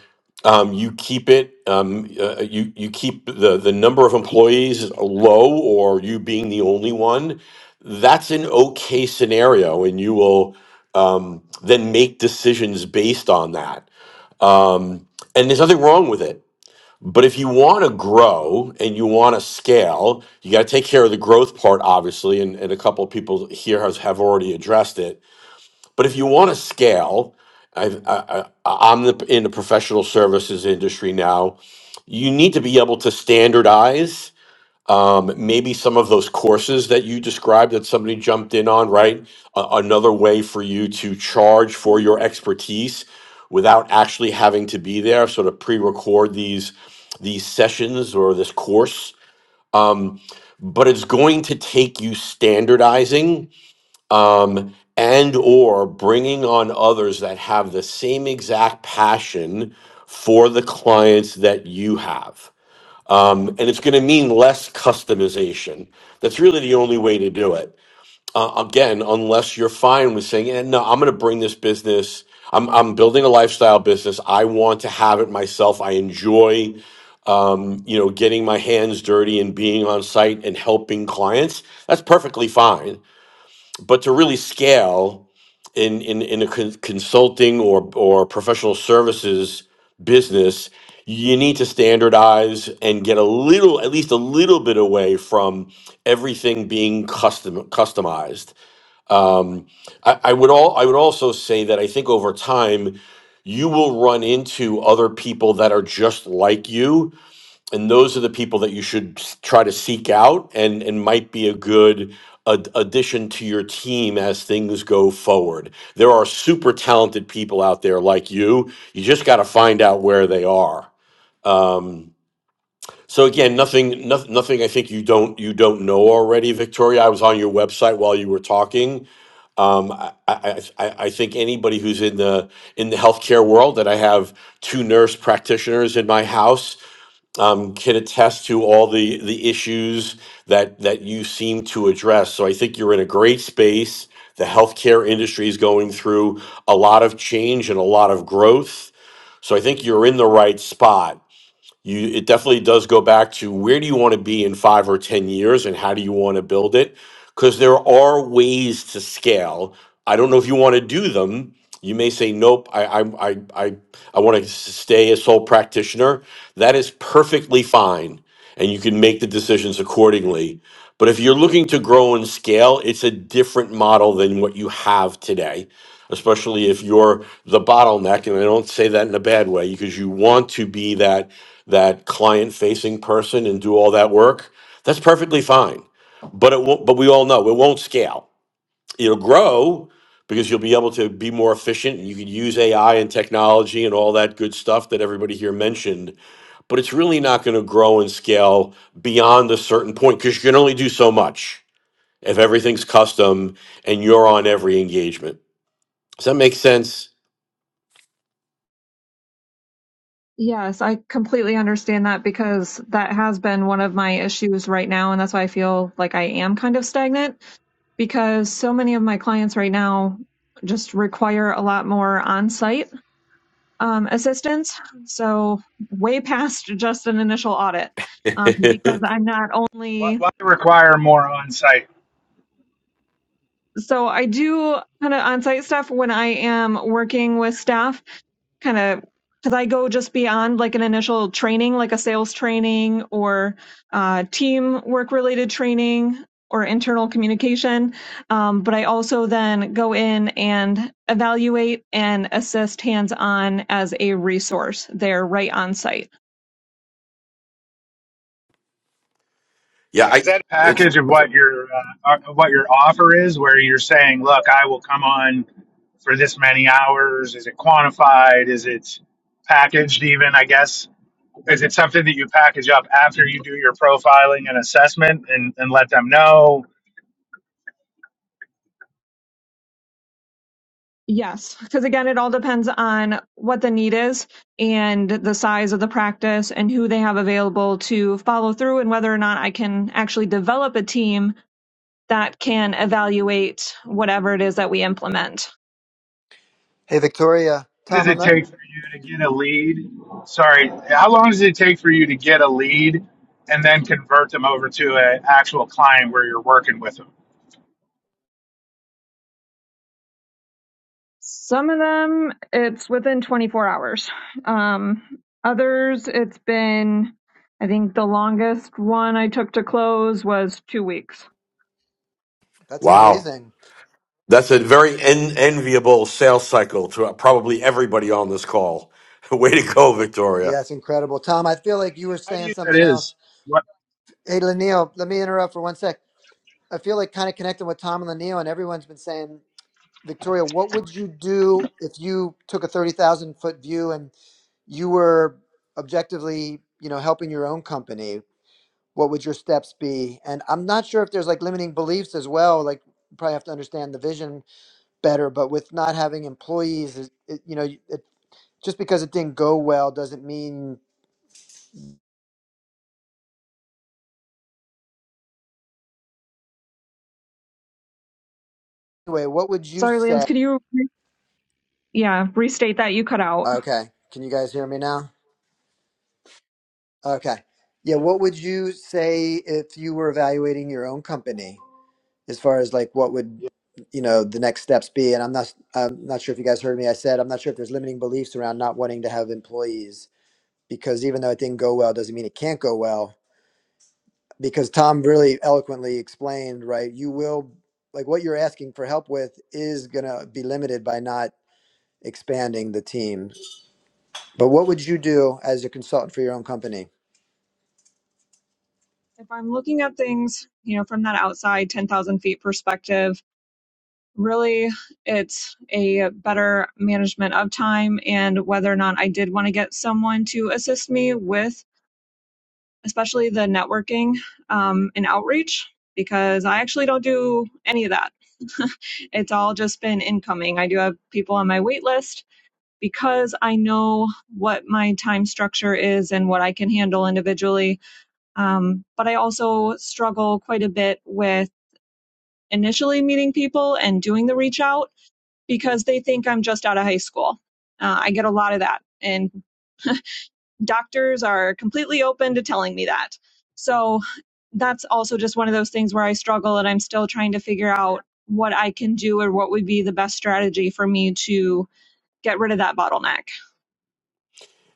Speaker 6: um, you keep it um, uh, you you keep the the number of employees low or you being the only one that's an okay scenario and you will um, then make decisions based on that um, and there's nothing wrong with it but if you want to grow and you want to scale you got to take care of the growth part obviously and, and a couple of people here has, have already addressed it but if you want to scale, I've, I, I, I'm the, in the professional services industry now. You need to be able to standardize um, maybe some of those courses that you described that somebody jumped in on, right? A- another way for you to charge for your expertise without actually having to be there, sort of pre-record these these sessions or this course. Um, but it's going to take you standardizing um, and or bringing on others that have the same exact passion for the clients that you have um, and it's going to mean less customization that's really the only way to do it uh, again unless you're fine with saying eh, no i'm going to bring this business I'm, I'm building a lifestyle business. I want to have it myself. I enjoy, um, you know, getting my hands dirty and being on site and helping clients. That's perfectly fine. But to really scale in in in a con- consulting or or professional services business you need to standardize and get a little at least a little bit away from everything being custom customized um, I, I would all I would also say that I think over time you will run into other people that are just like you and those are the people that you should s- try to seek out and and might be a good ad- addition to your team as things go forward there are super talented people out there like you you just got to find out where they are um so again nothing nothing nothing i think you don't you don't know already victoria i was on your website while you were talking um, I, I, I I think anybody who's in the in the healthcare world that I have two nurse practitioners in my house um, can attest to all the the issues that that you seem to address. So I think you're in a great space. The healthcare industry is going through a lot of change and a lot of growth. So I think you're in the right spot you it definitely does go back to where do you want to be in five or ten years and how do you want to build it because there are ways to scale i don't know if you want to do them you may say nope i i i i, I want to stay a sole practitioner that is perfectly fine and you can make the decisions accordingly but if you're looking to grow and scale it's a different model than what you have today especially if you're the bottleneck and i don't say that in a bad way because you want to be that that client facing person and do all that work that's perfectly fine but it won't but we all know it won't scale it'll grow because you'll be able to be more efficient and you can use ai and technology and all that good stuff that everybody here mentioned but it's really not going to grow and scale beyond a certain point because you can only do so much if everything's custom and you're on every engagement does that make sense
Speaker 7: yes i completely understand that because that has been one of my issues right now and that's why i feel like i am kind of stagnant because so many of my clients right now just require a lot more on site um, assistance. So way past just an initial audit um, because I'm not
Speaker 2: Why,
Speaker 7: only
Speaker 2: why require more on site?
Speaker 7: so I do kind of on-site stuff when I am working with staff, kind of because I go just beyond like an initial training, like a sales training or uh, team work-related training or internal communication. Um, but I also then go in and evaluate and assist hands-on as a resource there right on site.
Speaker 6: yeah, I
Speaker 2: Is that a
Speaker 6: it's
Speaker 2: package of what your uh, of what your offer is, where you're saying, look, I will come on for this many hours? Is it quantified? Is it packaged even? I guess. Is it something that you package up after you do your profiling and assessment and, and let them know?
Speaker 7: Yes, because again, it all depends on what the need is and the size of the practice and who they have available to follow through and whether or not I can actually develop a team that can evaluate whatever it is that we implement.
Speaker 1: Hey, Victoria.
Speaker 2: long does
Speaker 1: Tom, I'm
Speaker 2: it
Speaker 1: not,
Speaker 2: take for you to get a lead? Sorry, how long does it take for you to get a lead and then convert them over to an actual client where you're working with them?
Speaker 7: Some of them, it's within 24 hours. Um, others, it's been, I think the longest one I took to close was two weeks.
Speaker 1: that's
Speaker 6: wow.
Speaker 1: amazing.
Speaker 6: That's a very en- enviable sales cycle to probably everybody on this call. Way to go, Victoria.
Speaker 1: Yeah, it's incredible. Tom, I feel like you were
Speaker 2: How do you
Speaker 1: saying
Speaker 2: that
Speaker 1: something
Speaker 2: is?
Speaker 1: else.
Speaker 2: What
Speaker 1: Hey, Lanil, let me interrupt for one sec. I feel like kind of connecting with Tom and Lanil, and everyone's been saying, Victoria, what would you do if you took a 30,000 foot view and you were objectively, you know, helping your own company? What would your steps be? And I'm not sure if there's like limiting beliefs as well. Like, you probably have to understand the vision better. But with not having employees, it, it, you know, it, just because it didn't go well doesn't mean. Anyway, what would you
Speaker 7: Sorry, Lance,
Speaker 1: say?
Speaker 7: could you, re- yeah, restate that you cut out?
Speaker 1: Okay, can you guys hear me now? Okay, yeah. What would you say if you were evaluating your own company as far as like what would
Speaker 2: Yeah.
Speaker 1: you know the next steps be? And I'm not, I'm not sure if you guys heard me. I said I'm not sure if there's limiting beliefs around not wanting to have employees because even though it didn't go well, doesn't mean it can't go well because Tom really eloquently explained, right? You will like what you're asking for help with is going to be limited by not expanding the team. But what would you do as a consultant for your own company?
Speaker 7: If I'm looking at things, you know, from that outside 10,000 feet perspective, really it's a better management of time and whether or not I did want to get someone to assist me with especially the networking um, and outreach, because I actually don't do any of that. it's all just been incoming. I do have people on my wait list because I know what my time structure is and what I can handle individually. Um, but I also struggle quite a bit with initially meeting people and doing the reach out because they think I'm just out of high school. Uh, I get a lot of that. And doctors are completely open to telling me that. So that's also just one of those things where I struggle and I'm still trying to figure out what I can do or what would be the best strategy for me to get rid of that bottleneck.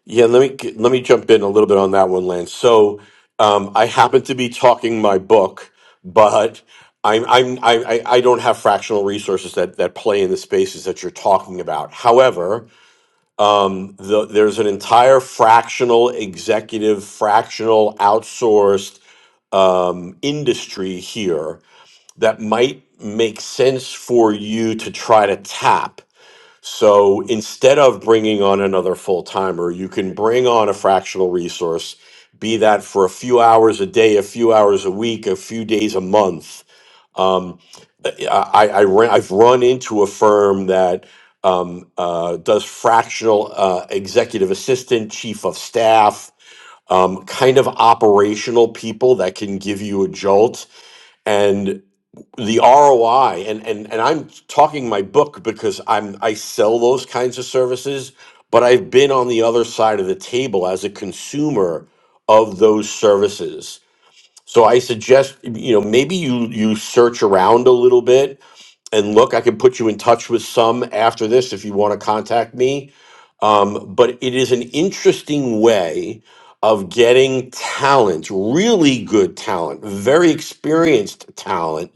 Speaker 6: Yeah, let me let me jump in a little bit on that one, Lance. So um, I happen to be talking my book, but I'm I'm I, I I don't have fractional resources that that play in the spaces that you're talking about. Um, the, there's an entire fractional executive, fractional outsourced um, industry here that might make sense for you to try to tap. So instead of bringing on another full timer, you can bring on a fractional resource, be that for a few hours a day, a few hours a week, a few days a month um, I, I ran, I've run into a firm that um, uh, does fractional uh, executive assistant, chief of staff, um, kind of operational people that can give you a jolt and the ROI. And and and I'm talking my book because I'm I sell those kinds of services, but I've been on the other side of the table as a consumer of those services. So I suggest you know maybe you you search around a little bit and look, I can put you in touch with some after this if you want to contact me. Um, but it is an interesting way of getting talent, really good talent, very experienced talent,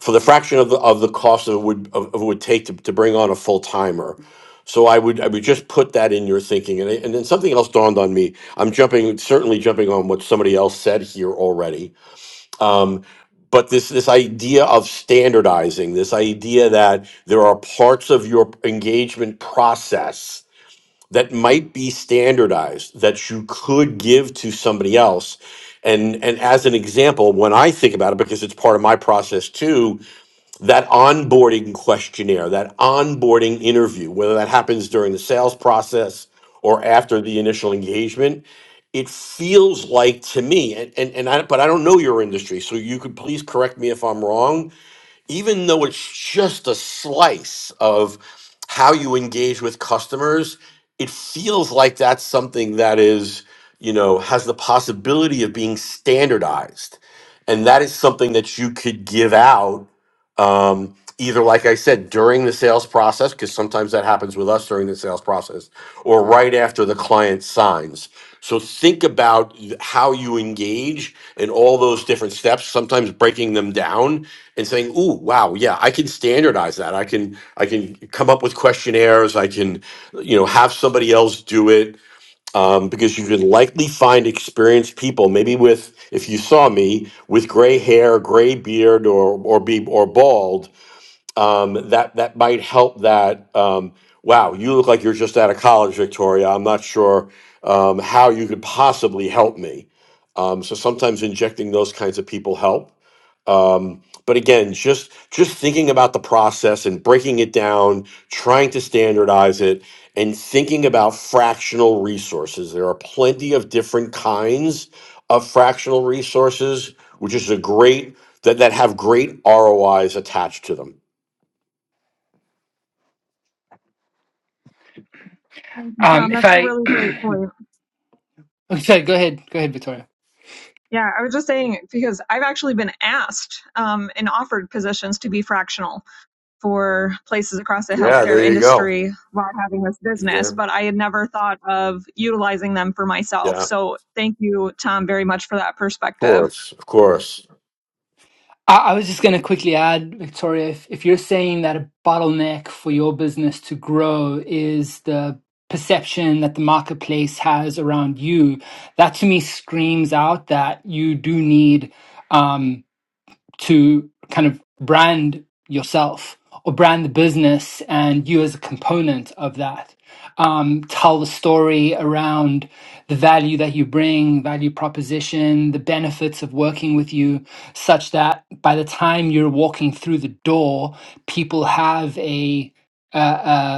Speaker 6: for the fraction of the of the cost of it would of, of it would take to, to bring on a full timer. So I would I would just put that in your thinking, and I- and then something else dawned on me. I'm jumping certainly jumping on what somebody else said here already um, but this this idea of standardizing, this idea that there are parts of your engagement process that might be standardized that you could give to somebody else. And and as an example, when I think about it, because it's part of my process too, that onboarding questionnaire, that onboarding interview, whether that happens during the sales process or after the initial engagement, it feels like to me, and, and, and I, but I don't know your industry, so you could please correct me if I'm wrong even though it's just a slice of how you engage with customers, it feels like that's something that is, you know, has the possibility of being standardized. And that is something that you could give out um, either, like I said, during the sales process, because sometimes that happens with us during the sales process, or right after the client signs. So think about y- how you engage in all those different steps, sometimes breaking them down and saying, "Ooh, wow, yeah, I can standardize that. I can I can come up with questionnaires. I can, you know, have somebody else do it." Um, because you can likely find experienced people, maybe with, if you saw me with gray hair, gray beard, or or be or bald, um, that that might help. That um, wow, you look like you're just out of college, Victoria. I'm not sure um, how you could possibly help me. Um, so sometimes injecting those kinds of people help um, but again, just just thinking about the process and breaking it down, trying to standardize it, and thinking about fractional resources. There are plenty of different kinds of fractional resources, which is a great that that have great ROIs attached to them.
Speaker 7: Thank you,
Speaker 4: um
Speaker 7: Tom.
Speaker 4: if
Speaker 7: That's a
Speaker 4: i
Speaker 7: really great point.
Speaker 4: okay sorry go ahead go ahead victoria
Speaker 7: Yeah, I was just saying because I've actually been asked um, and offered positions to be fractional. for places across the
Speaker 6: Yeah,
Speaker 7: healthcare
Speaker 6: there you go.
Speaker 7: industry while having this
Speaker 6: Yeah,
Speaker 7: business, but I had never thought of utilizing them for myself.
Speaker 6: yeah,
Speaker 7: So thank you, Tom, very much for that
Speaker 6: of
Speaker 7: perspective.
Speaker 6: course, of course.
Speaker 4: I, I was just going to quickly add, Victoria, if, if you're saying that a bottleneck for your business to grow is the perception that the marketplace has around you, that to me screams out that you do need. Um, to kind of brand yourself or brand the business and you as a component of that. Um, tell the story around the value that you bring, value proposition, the benefits of working with you, such that by the time you're walking through the door, people have a, a,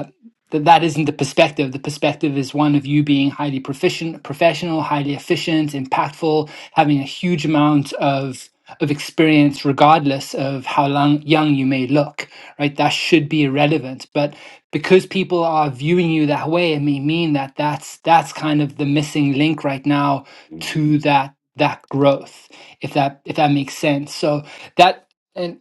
Speaker 4: that that isn't the perspective. The perspective is one of you being highly proficient, professional, highly efficient, impactful, having a huge amount of of experience, regardless of how long, young you may look. Right? That should be irrelevant, but because people are viewing you that way, it may mean that that's that's kind of the missing link right now to that that growth. If that if that makes sense. So that and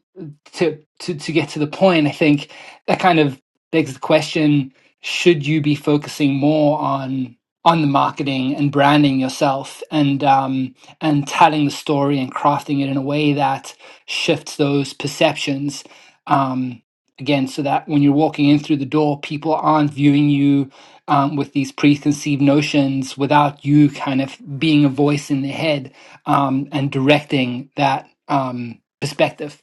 Speaker 4: to to to get to the point, I think that kind of begs the question should you be focusing more on on the marketing and branding yourself and um, and telling the story and crafting it in a way that shifts those perceptions um, again so that when you're walking in through the door people aren't viewing you um, with these preconceived notions without you kind of being a voice in their head um, and directing that um, perspective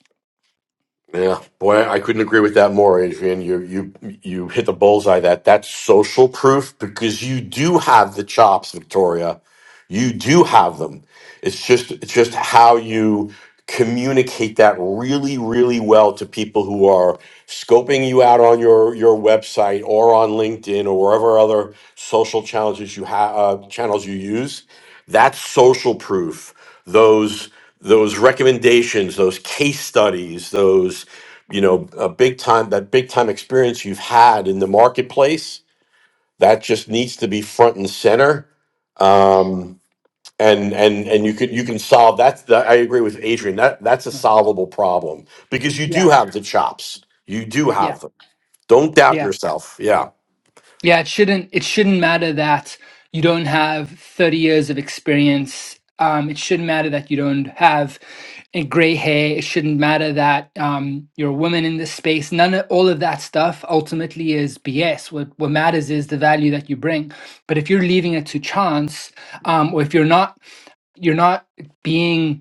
Speaker 6: Yeah, boy, I couldn't agree with that more, Adrian. You you you hit the bullseye. That that's social proof because you do have the chops, Victoria. You do have them. It's just it's just how you communicate that really really well to people who are scoping you out on your your website or on LinkedIn or wherever other social challenges you have uh, channels you use that's social proof. Those those recommendations, those case studies, those you know a big time that big time experience you've had in the marketplace that just needs to be front and center. Um, and and and you could you can solve that. that- I agree with Adrian. That that's a
Speaker 4: Right.
Speaker 6: solvable problem because you
Speaker 4: yeah
Speaker 6: do have the chops. You do
Speaker 4: yeah
Speaker 6: have them. Don't doubt
Speaker 4: yeah
Speaker 6: yourself. Yeah,
Speaker 4: Yeah, it shouldn't it shouldn't matter that you don't have 30 years of experience. Um, it shouldn't matter that you don't have a gray hair. It shouldn't matter that um, you're a woman in this space. None of all of that stuff ultimately is BS. What what matters is the value that you bring. But if you're leaving it to chance, um, or if you're not you're not being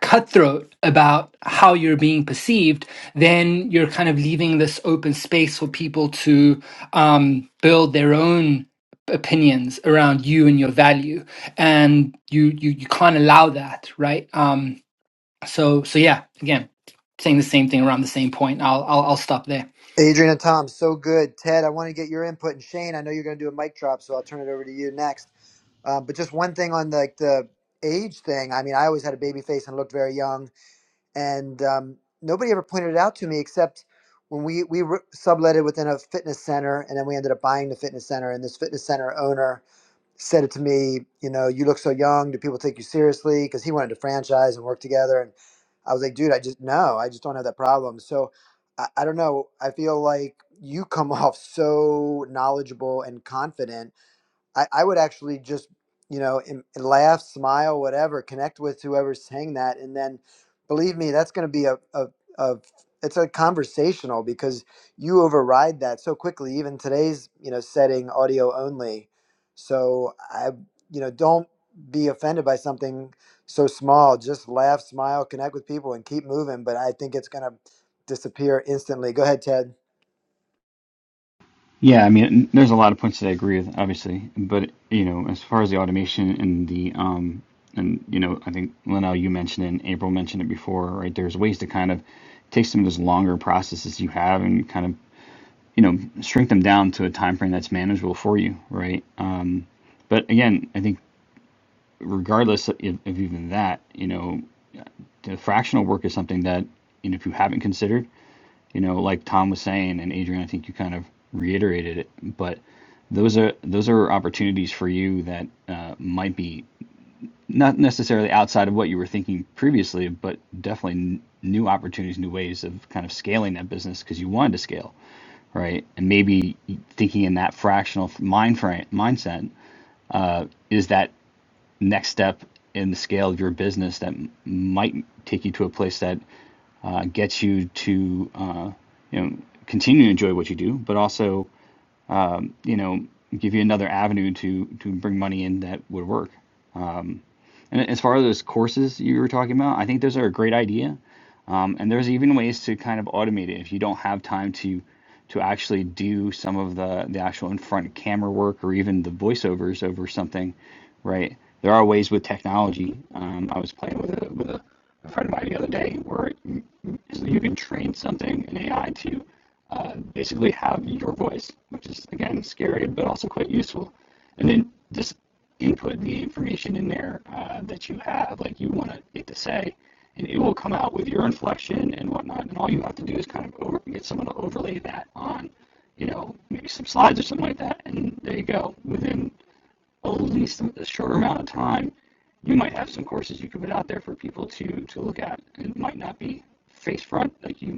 Speaker 4: cutthroat about how you're being perceived, then you're kind of leaving this open space for people to um, build their own opinions around you and your value, and you you you can't allow that, right? Um, so so yeah, again, saying the same thing around the same point. I'll I'll, I'll stop there.
Speaker 1: Adrian and Tom, so good. Ted, I want to get your input, and Shane, I know you're going to do a mic drop, so I'll turn it over to you next. Um, but just one thing on like the age thing. I mean, I always had a baby face and looked very young and um, nobody ever pointed it out to me except when we we re- sublet it within a fitness center, and then we ended up buying the fitness center. And this fitness center owner said it to me, you know, you look so young. Do people take you seriously? Because he wanted to franchise and work together. And I was like, dude, I just no, I just don't have that problem. So I, I don't know. I feel like you come off so knowledgeable and confident I, I would actually just, you know, im- laugh, smile, whatever, connect with whoever's saying that. And then believe me, that's going to be a, a, a, it's a conversational because you override that so quickly, even today's, you know, setting audio only. So I, you know, don't be offended by something so small. Just laugh, smile, connect with people and keep moving. But I think it's going to disappear instantly. Go ahead, Ted.
Speaker 3: Yeah, I mean, there's a lot of points that I agree with, obviously, but you know, as far as the automation and the um, and you know, I think Linnell, you mentioned it, and April mentioned it before, right? There's ways to kind of take some of those longer processes you have and kind of you know shrink them down to a time frame that's manageable for you, right? Um, but again, I think regardless of, of even that, you know, the fractional work is something that you know if you haven't considered you know, like Tom was saying, and Adrian, I think you kind of reiterated it, but those are those are opportunities for you that uh, might be not necessarily outside of what you were thinking previously, but definitely n- new opportunities, new ways of kind of scaling that business because you wanted to scale, right? And maybe thinking in that fractional mind frame mindset is that next step in the scale of your business that might take you to a place that uh, gets you to uh, you know continue to enjoy what you do, but also you know give you another avenue to to bring money in that would work. And as far as those courses you were talking about, I think those are a great idea. Um, and there's even ways to kind of automate it if you don't have time to to actually do some of the the actual in front camera work or even the voiceovers over something, right? There are ways with technology. Um, I was playing with a with a, friend of mine the other day where you can train something in AI to actively have your voice, which is again scary but also quite useful. And then just input the information in there uh, that you have, like you want it to say, will come out your inflection and whatnot, and all you have to do is kind of get someone to overlay that on, you know, slides or something like that, and there you go. Within at least a shorter amount of time, you might have some courses you can put out there for people to to look at. It might not be face front,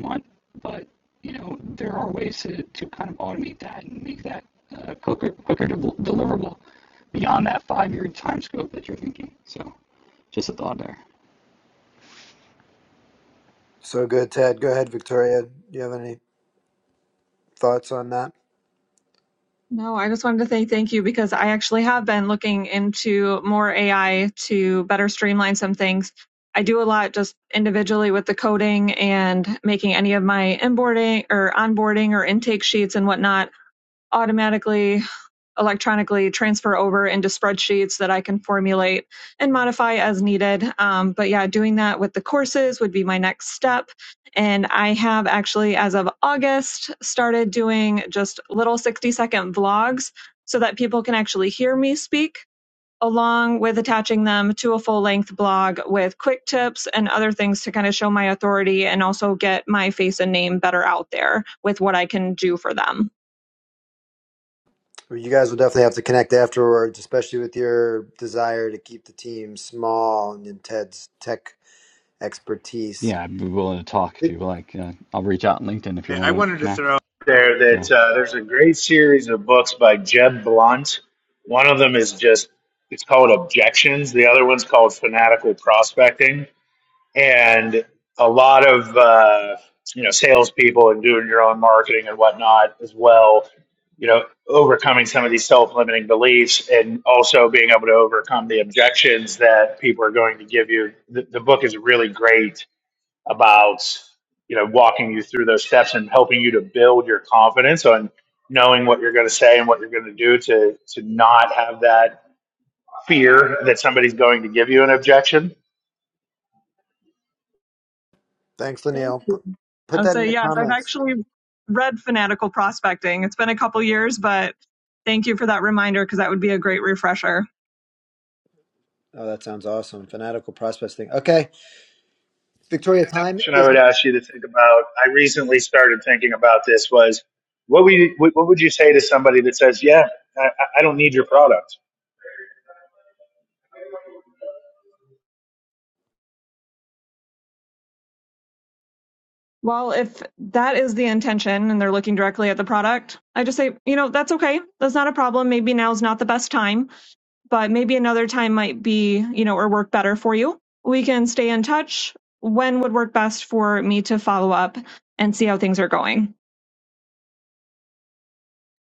Speaker 3: on. But you know, there are ways to, to kind of automate that and make that uh, quicker quicker del- deliverable beyond that five year time scope that you're thinking. So, just a thought there.
Speaker 1: So good, Ted. Go ahead, Victoria. Do you have any thoughts on that?
Speaker 7: No, I just wanted to say thank you because I actually have been looking into more AI to better streamline some things. I do a lot just individually with the coding and making any of my onboarding or onboarding or intake sheets and whatnot automatically electronically transfer over into spreadsheets that I can formulate and modify as needed. Um, but yeah, doing that with the courses would be my next step. And I have actually, as of August, started doing just little 60 second vlogs so that people can actually hear me speak. Along with attaching them to a full length blog with quick tips and other things to kind of show my authority and also get my face and name better out there with what I can do for them.
Speaker 1: Well, You guys will definitely have to connect afterwards, especially with your desire to keep the team small and in Ted's tech expertise.
Speaker 3: Yeah, I'd be willing to talk if you like. Uh, I'll reach out on LinkedIn if you want to connect.
Speaker 2: there
Speaker 3: So.
Speaker 2: that uh, there's a great series of books by Jeb Blunt. One of them is just it's called Objections. The other one's called Fanatical Prospecting and a lot of uh, you know salespeople and doing your own marketing and whatnot as well. You know, overcoming some of these self-limiting beliefs and also being able to overcome the objections that people are going to give you. The, the book is really great about you know walking you through those steps and helping you to build your confidence on knowing what you're going to say and what you're going to do to to not have that fear that somebody's going to give you an objection
Speaker 1: Thanks,
Speaker 7: Thank
Speaker 1: Lanil.
Speaker 7: you.
Speaker 1: Put, put
Speaker 7: I'll
Speaker 1: that in
Speaker 7: say
Speaker 1: the
Speaker 7: yes. I've
Speaker 1: comments.
Speaker 7: actually read Fanatical Prospecting. It's been a couple years, but thank you for that reminder because that would be a great refresher.
Speaker 1: Oh, that sounds awesome. Fanatical prospects thing. Okay. Victoria, time
Speaker 2: question I
Speaker 1: is
Speaker 2: would ask you to think about. I recently started thinking about this was what would you, what would you say to somebody that says, "Yeah, I, I don't need your product."
Speaker 7: Well, if that is the intention and they're looking directly at the product, I just say, you know, that's okay. That's not a problem. Maybe now's not the best time, but maybe another time might be, you know, or work better for you. We can stay in touch. When would work best for me to follow up and see how things are going?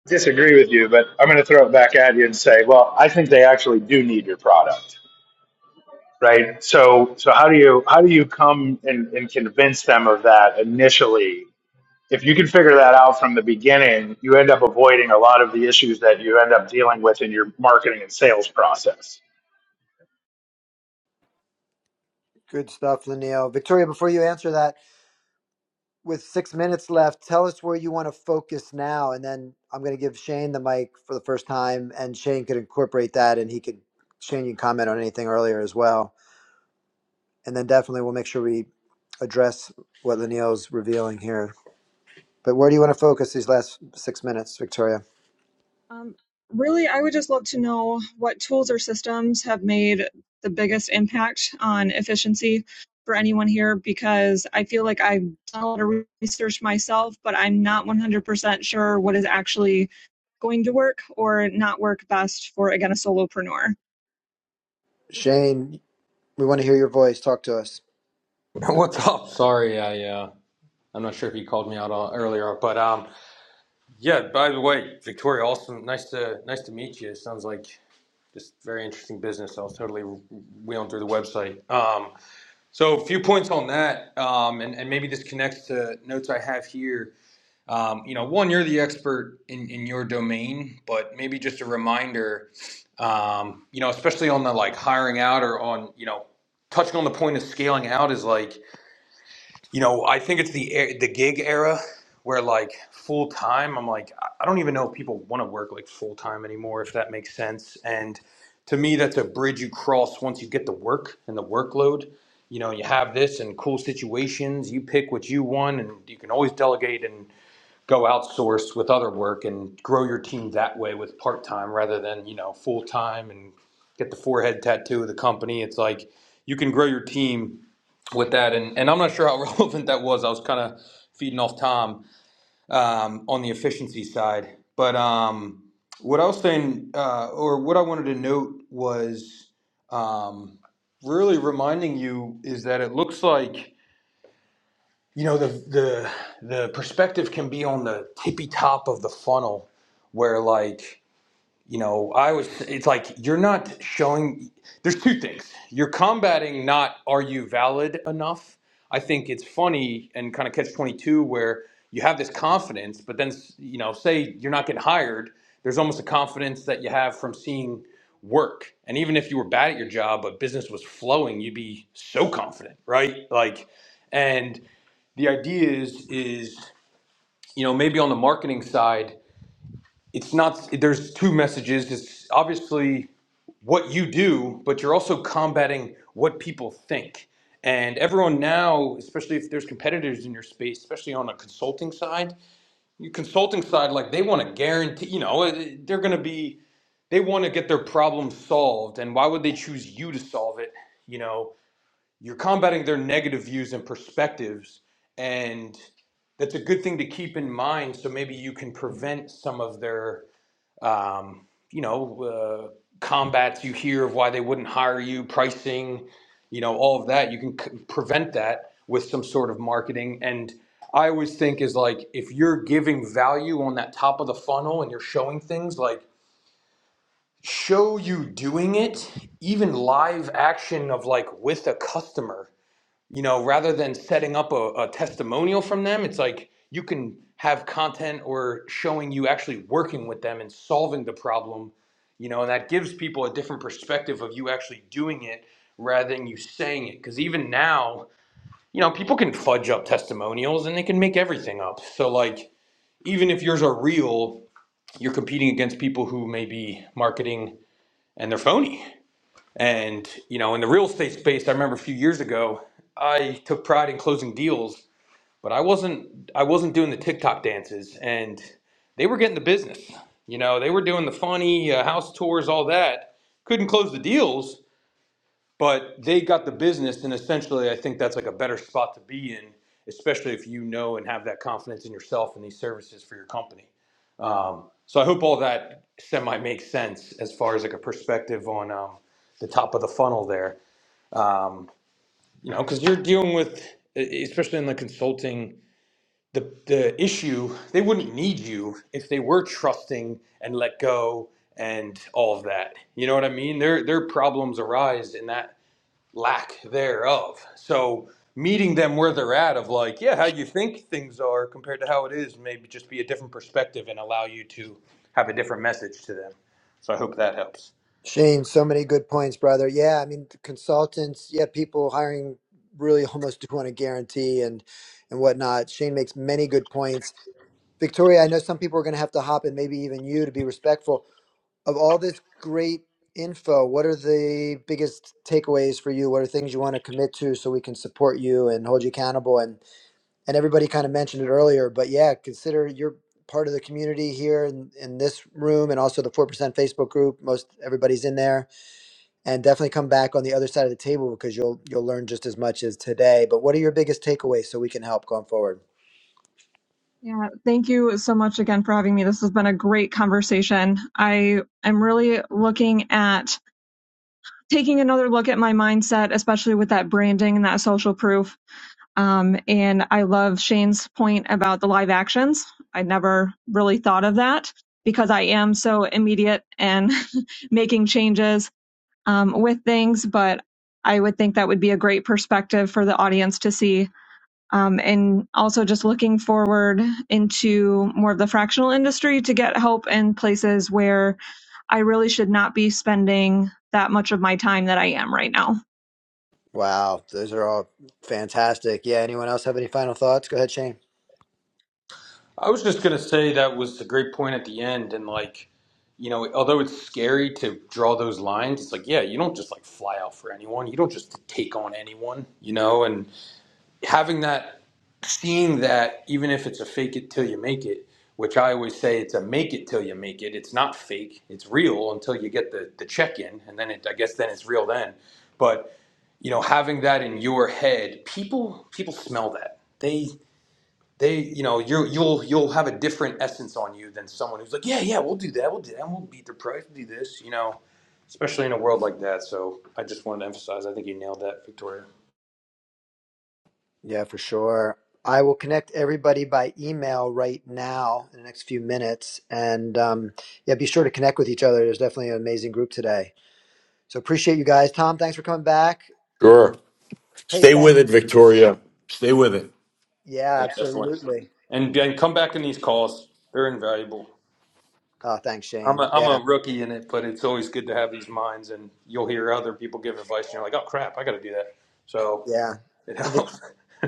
Speaker 2: I Disagree with you, but I'm going to throw it back at you and say, "Well, I think they actually do need your product." Right? So so how do you how do you come and, and convince them of that initially? If you can figure that out from the beginning, you end up avoiding a lot of the issues that you end up dealing with in your marketing and sales process.
Speaker 1: good stuff, Lanil. Victoria, before you answer that, with six minutes left, tell us where you want to focus now. And then I'm going to give Shane the mic for the first time, and Shane could incorporate that and he could, Shane, you can comment on anything earlier as well. and then definitely we'll make sure we address what Lanil's revealing here. But where do you want to focus these last six minutes, Victoria?
Speaker 7: Um, really, I would just love to know what tools or systems have made the biggest impact on efficiency for anyone here because I feel like I've done a lot of research myself, but I'm not 100% sure what is actually going to work or not work best for, again, a solopreneur.
Speaker 1: Shane, we want to hear your voice. Talk to us.
Speaker 9: What's up? Sorry, I uh, I'm not sure if you called me out on, earlier, but um, yeah. By the way, Victoria, awesome, nice to nice to meet you. Sounds like just very interesting business. I was totally wheeling through the website. Um, so a few points on that, um, and and maybe this connects to notes I have here. Um, you know, one, you're the expert in in your domain, but maybe just a reminder. Um, you know, especially on the like hiring out or on you know touching on the point of scaling out is like you know, I think it's the e- the gig era where like full time. I'm like, I don't even know if people want to work like full time anymore, if that makes sense. And to me, that's a bridge you cross once you get the work and the workload. You know, you have this and cool situations. You pick what you want, and you can always delegate. And go outsource with other work and grow your team that way with part time rather than you know full time and get the forehead tattoo of the company. It's like you can grow your team with that, and and I'm not sure how relevant that was. I was kind of feeding off Tom um, on the efficiency side, but um, what I was saying uh, or what I wanted to note was um, really reminding you is that it looks like you know the the the perspective can be on the tippy top of the funnel where like you know i was it's like you're not showing there's two things you're combating not are you valid enough i think it's funny and kind of catch 22 where you have this confidence but then you know say you're not getting hired there's almost a confidence that you have from seeing work and even if you were bad at your job but business was flowing you'd be so confident right like and the idea is is you know maybe on the marketing side it's not there's two messages it's obviously what you do but you're also combating what people think and everyone now especially if there's competitors in your space especially on a consulting side your consulting side like they want to guarantee you know eh, they're going to be they want to get their problem solved and why would they choose you to solve it you know you're combating their negative views and perspectives and that's a good thing to keep in mind so maybe you can prevent some of their um, you know uh, combats you hear of why they wouldn't hire you pricing you know all of that you can c- prevent that with some sort of marketing and i always think is like if you're giving value on that top of the funnel and you're showing things like show you doing it even live action of like with a customer you know, rather than setting up a, a testimonial from them, it's like you can have content or showing you actually working with them and solving the problem, you know, and that gives people a different perspective of you actually doing it rather than you saying it. Because even now, you know, people can fudge up testimonials and they can make everything up. So, like, even if yours are real, you're competing against people who may be marketing and they're phony. And, you know, in the real estate space, I remember a few years ago, I took pride in closing deals but I wasn't I wasn't doing the TikTok dances, and they were getting the business. You know, they were doing the funny uh, house tours, all that. Couldn't close the deals, but they got the business, and essentially, I think that's like a better spot to be in, especially if you know and have that confidence in yourself and these services for your company. Um, so I hope all that semi makes sense as far as like a perspective on um, the top of the funnel there. Um, you know, because you're dealing with, e- e, especially in the consulting the the issue they wouldn't need you if they were trusting and let go and all of that you know what i mean their their problems arise in that lack thereof so meeting them where they're at of like yeah how you think things are compared to how it is maybe just be a different perspective and allow you to have a different message to them so i hope that helps
Speaker 1: Shane, so many good points, brother. Yeah, I mean, the consultants, yeah, people hiring really almost do want a guarantee and and whatnot. Shane makes many good points. Victoria, I know some people are going to have to hop, and maybe even you, to be respectful. of all this great info, what are the biggest takeaways for you? What are things you want to commit to so we can support you and hold you accountable? And and everybody kind of mentioned it earlier, but yeah, consider you're part of the community here in, in this room and also the four percent Facebook group. Most everybody's in there. And definitely come back on the other side of the table because you'll you'll learn just as much as today. But what are your biggest takeaways so we can help going forward?
Speaker 7: Yeah, thank you so much again for having me. This has been a great conversation. I am really looking at taking another look at my mindset, especially with that branding and that social proof. Um, and I love Shane's point about the live actions. I never really thought of that because I am so immediate and making changes um, with things, but I would think that would be a great perspective for the audience to see um, and also just looking forward into more of the fractional industry to get help in places where I really should not be spending that much of my time that I am right now.
Speaker 1: Wow, those are all fantastic. Yeah, anyone else have any final thoughts? Go ahead, Shane.
Speaker 9: I was just gonna say that was a great point at the end, and like, you know, although it's scary to draw those lines, it's like, yeah, you don't just like fly out for anyone. You don't just take on anyone, you know. And having that, seeing that, even if it's a fake it till you make it, which I always say it's a make it till you make it. It's not fake. It's real until you get the the check in, and then it, I guess, then it's real then. But you know, having that in your head, people people smell that. They they you know you you'll you'll have a different essence on you than someone who's like yeah yeah we'll do that we'll do that we'll beat the price we'll do this you know especially in a world like that so i just wanted to emphasize i think you nailed that victoria
Speaker 1: Yeah, for sure. I will connect everybody by email right now in the next few minutes. And um, yeah, be sure to connect with each other. There's definitely an amazing group today. So appreciate you guys. Tom, thanks for coming back.
Speaker 6: sure.
Speaker 1: Hey,
Speaker 6: Stay with
Speaker 1: thanks.
Speaker 6: it, Victoria. Stay with it.
Speaker 1: Yeah,
Speaker 9: yeah definitely
Speaker 1: absolutely.
Speaker 9: and, and come back in these calls they're invaluable
Speaker 1: Oh, thanks,
Speaker 9: I'm a,
Speaker 1: Shane.
Speaker 9: I'm
Speaker 1: Yeah,
Speaker 9: a rookie in it but it's always good to have these minds and you'll hear other people give advice and you're like oh crap i gotta do that so
Speaker 1: yeah.
Speaker 9: it
Speaker 1: In Vic-
Speaker 9: helps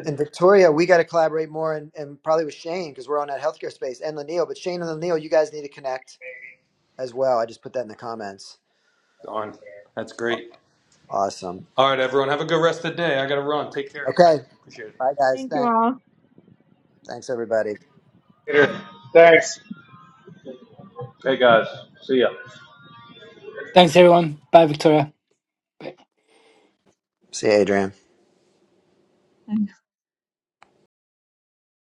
Speaker 1: in Victoria, we got to collaborate more and, and probably with Shane because we're on that healthcare space and Lanil. But Shane and Lanil, you guys need to connect as well. I just put that in the comments.
Speaker 9: on that's
Speaker 1: Aw-
Speaker 9: great
Speaker 1: Awesome.
Speaker 9: all right everyone have a good rest of the day i gotta run take care Bye.
Speaker 1: Okay.
Speaker 9: appreciate it
Speaker 1: Bye, guys.
Speaker 7: Thank you
Speaker 1: Thanks.
Speaker 7: all.
Speaker 1: Thanks, everybody.
Speaker 2: Later. Thanks.
Speaker 8: Hey guys, see ya.
Speaker 4: Thanks everyone. Bye, Victoria. Bye.
Speaker 1: See you, Adrian.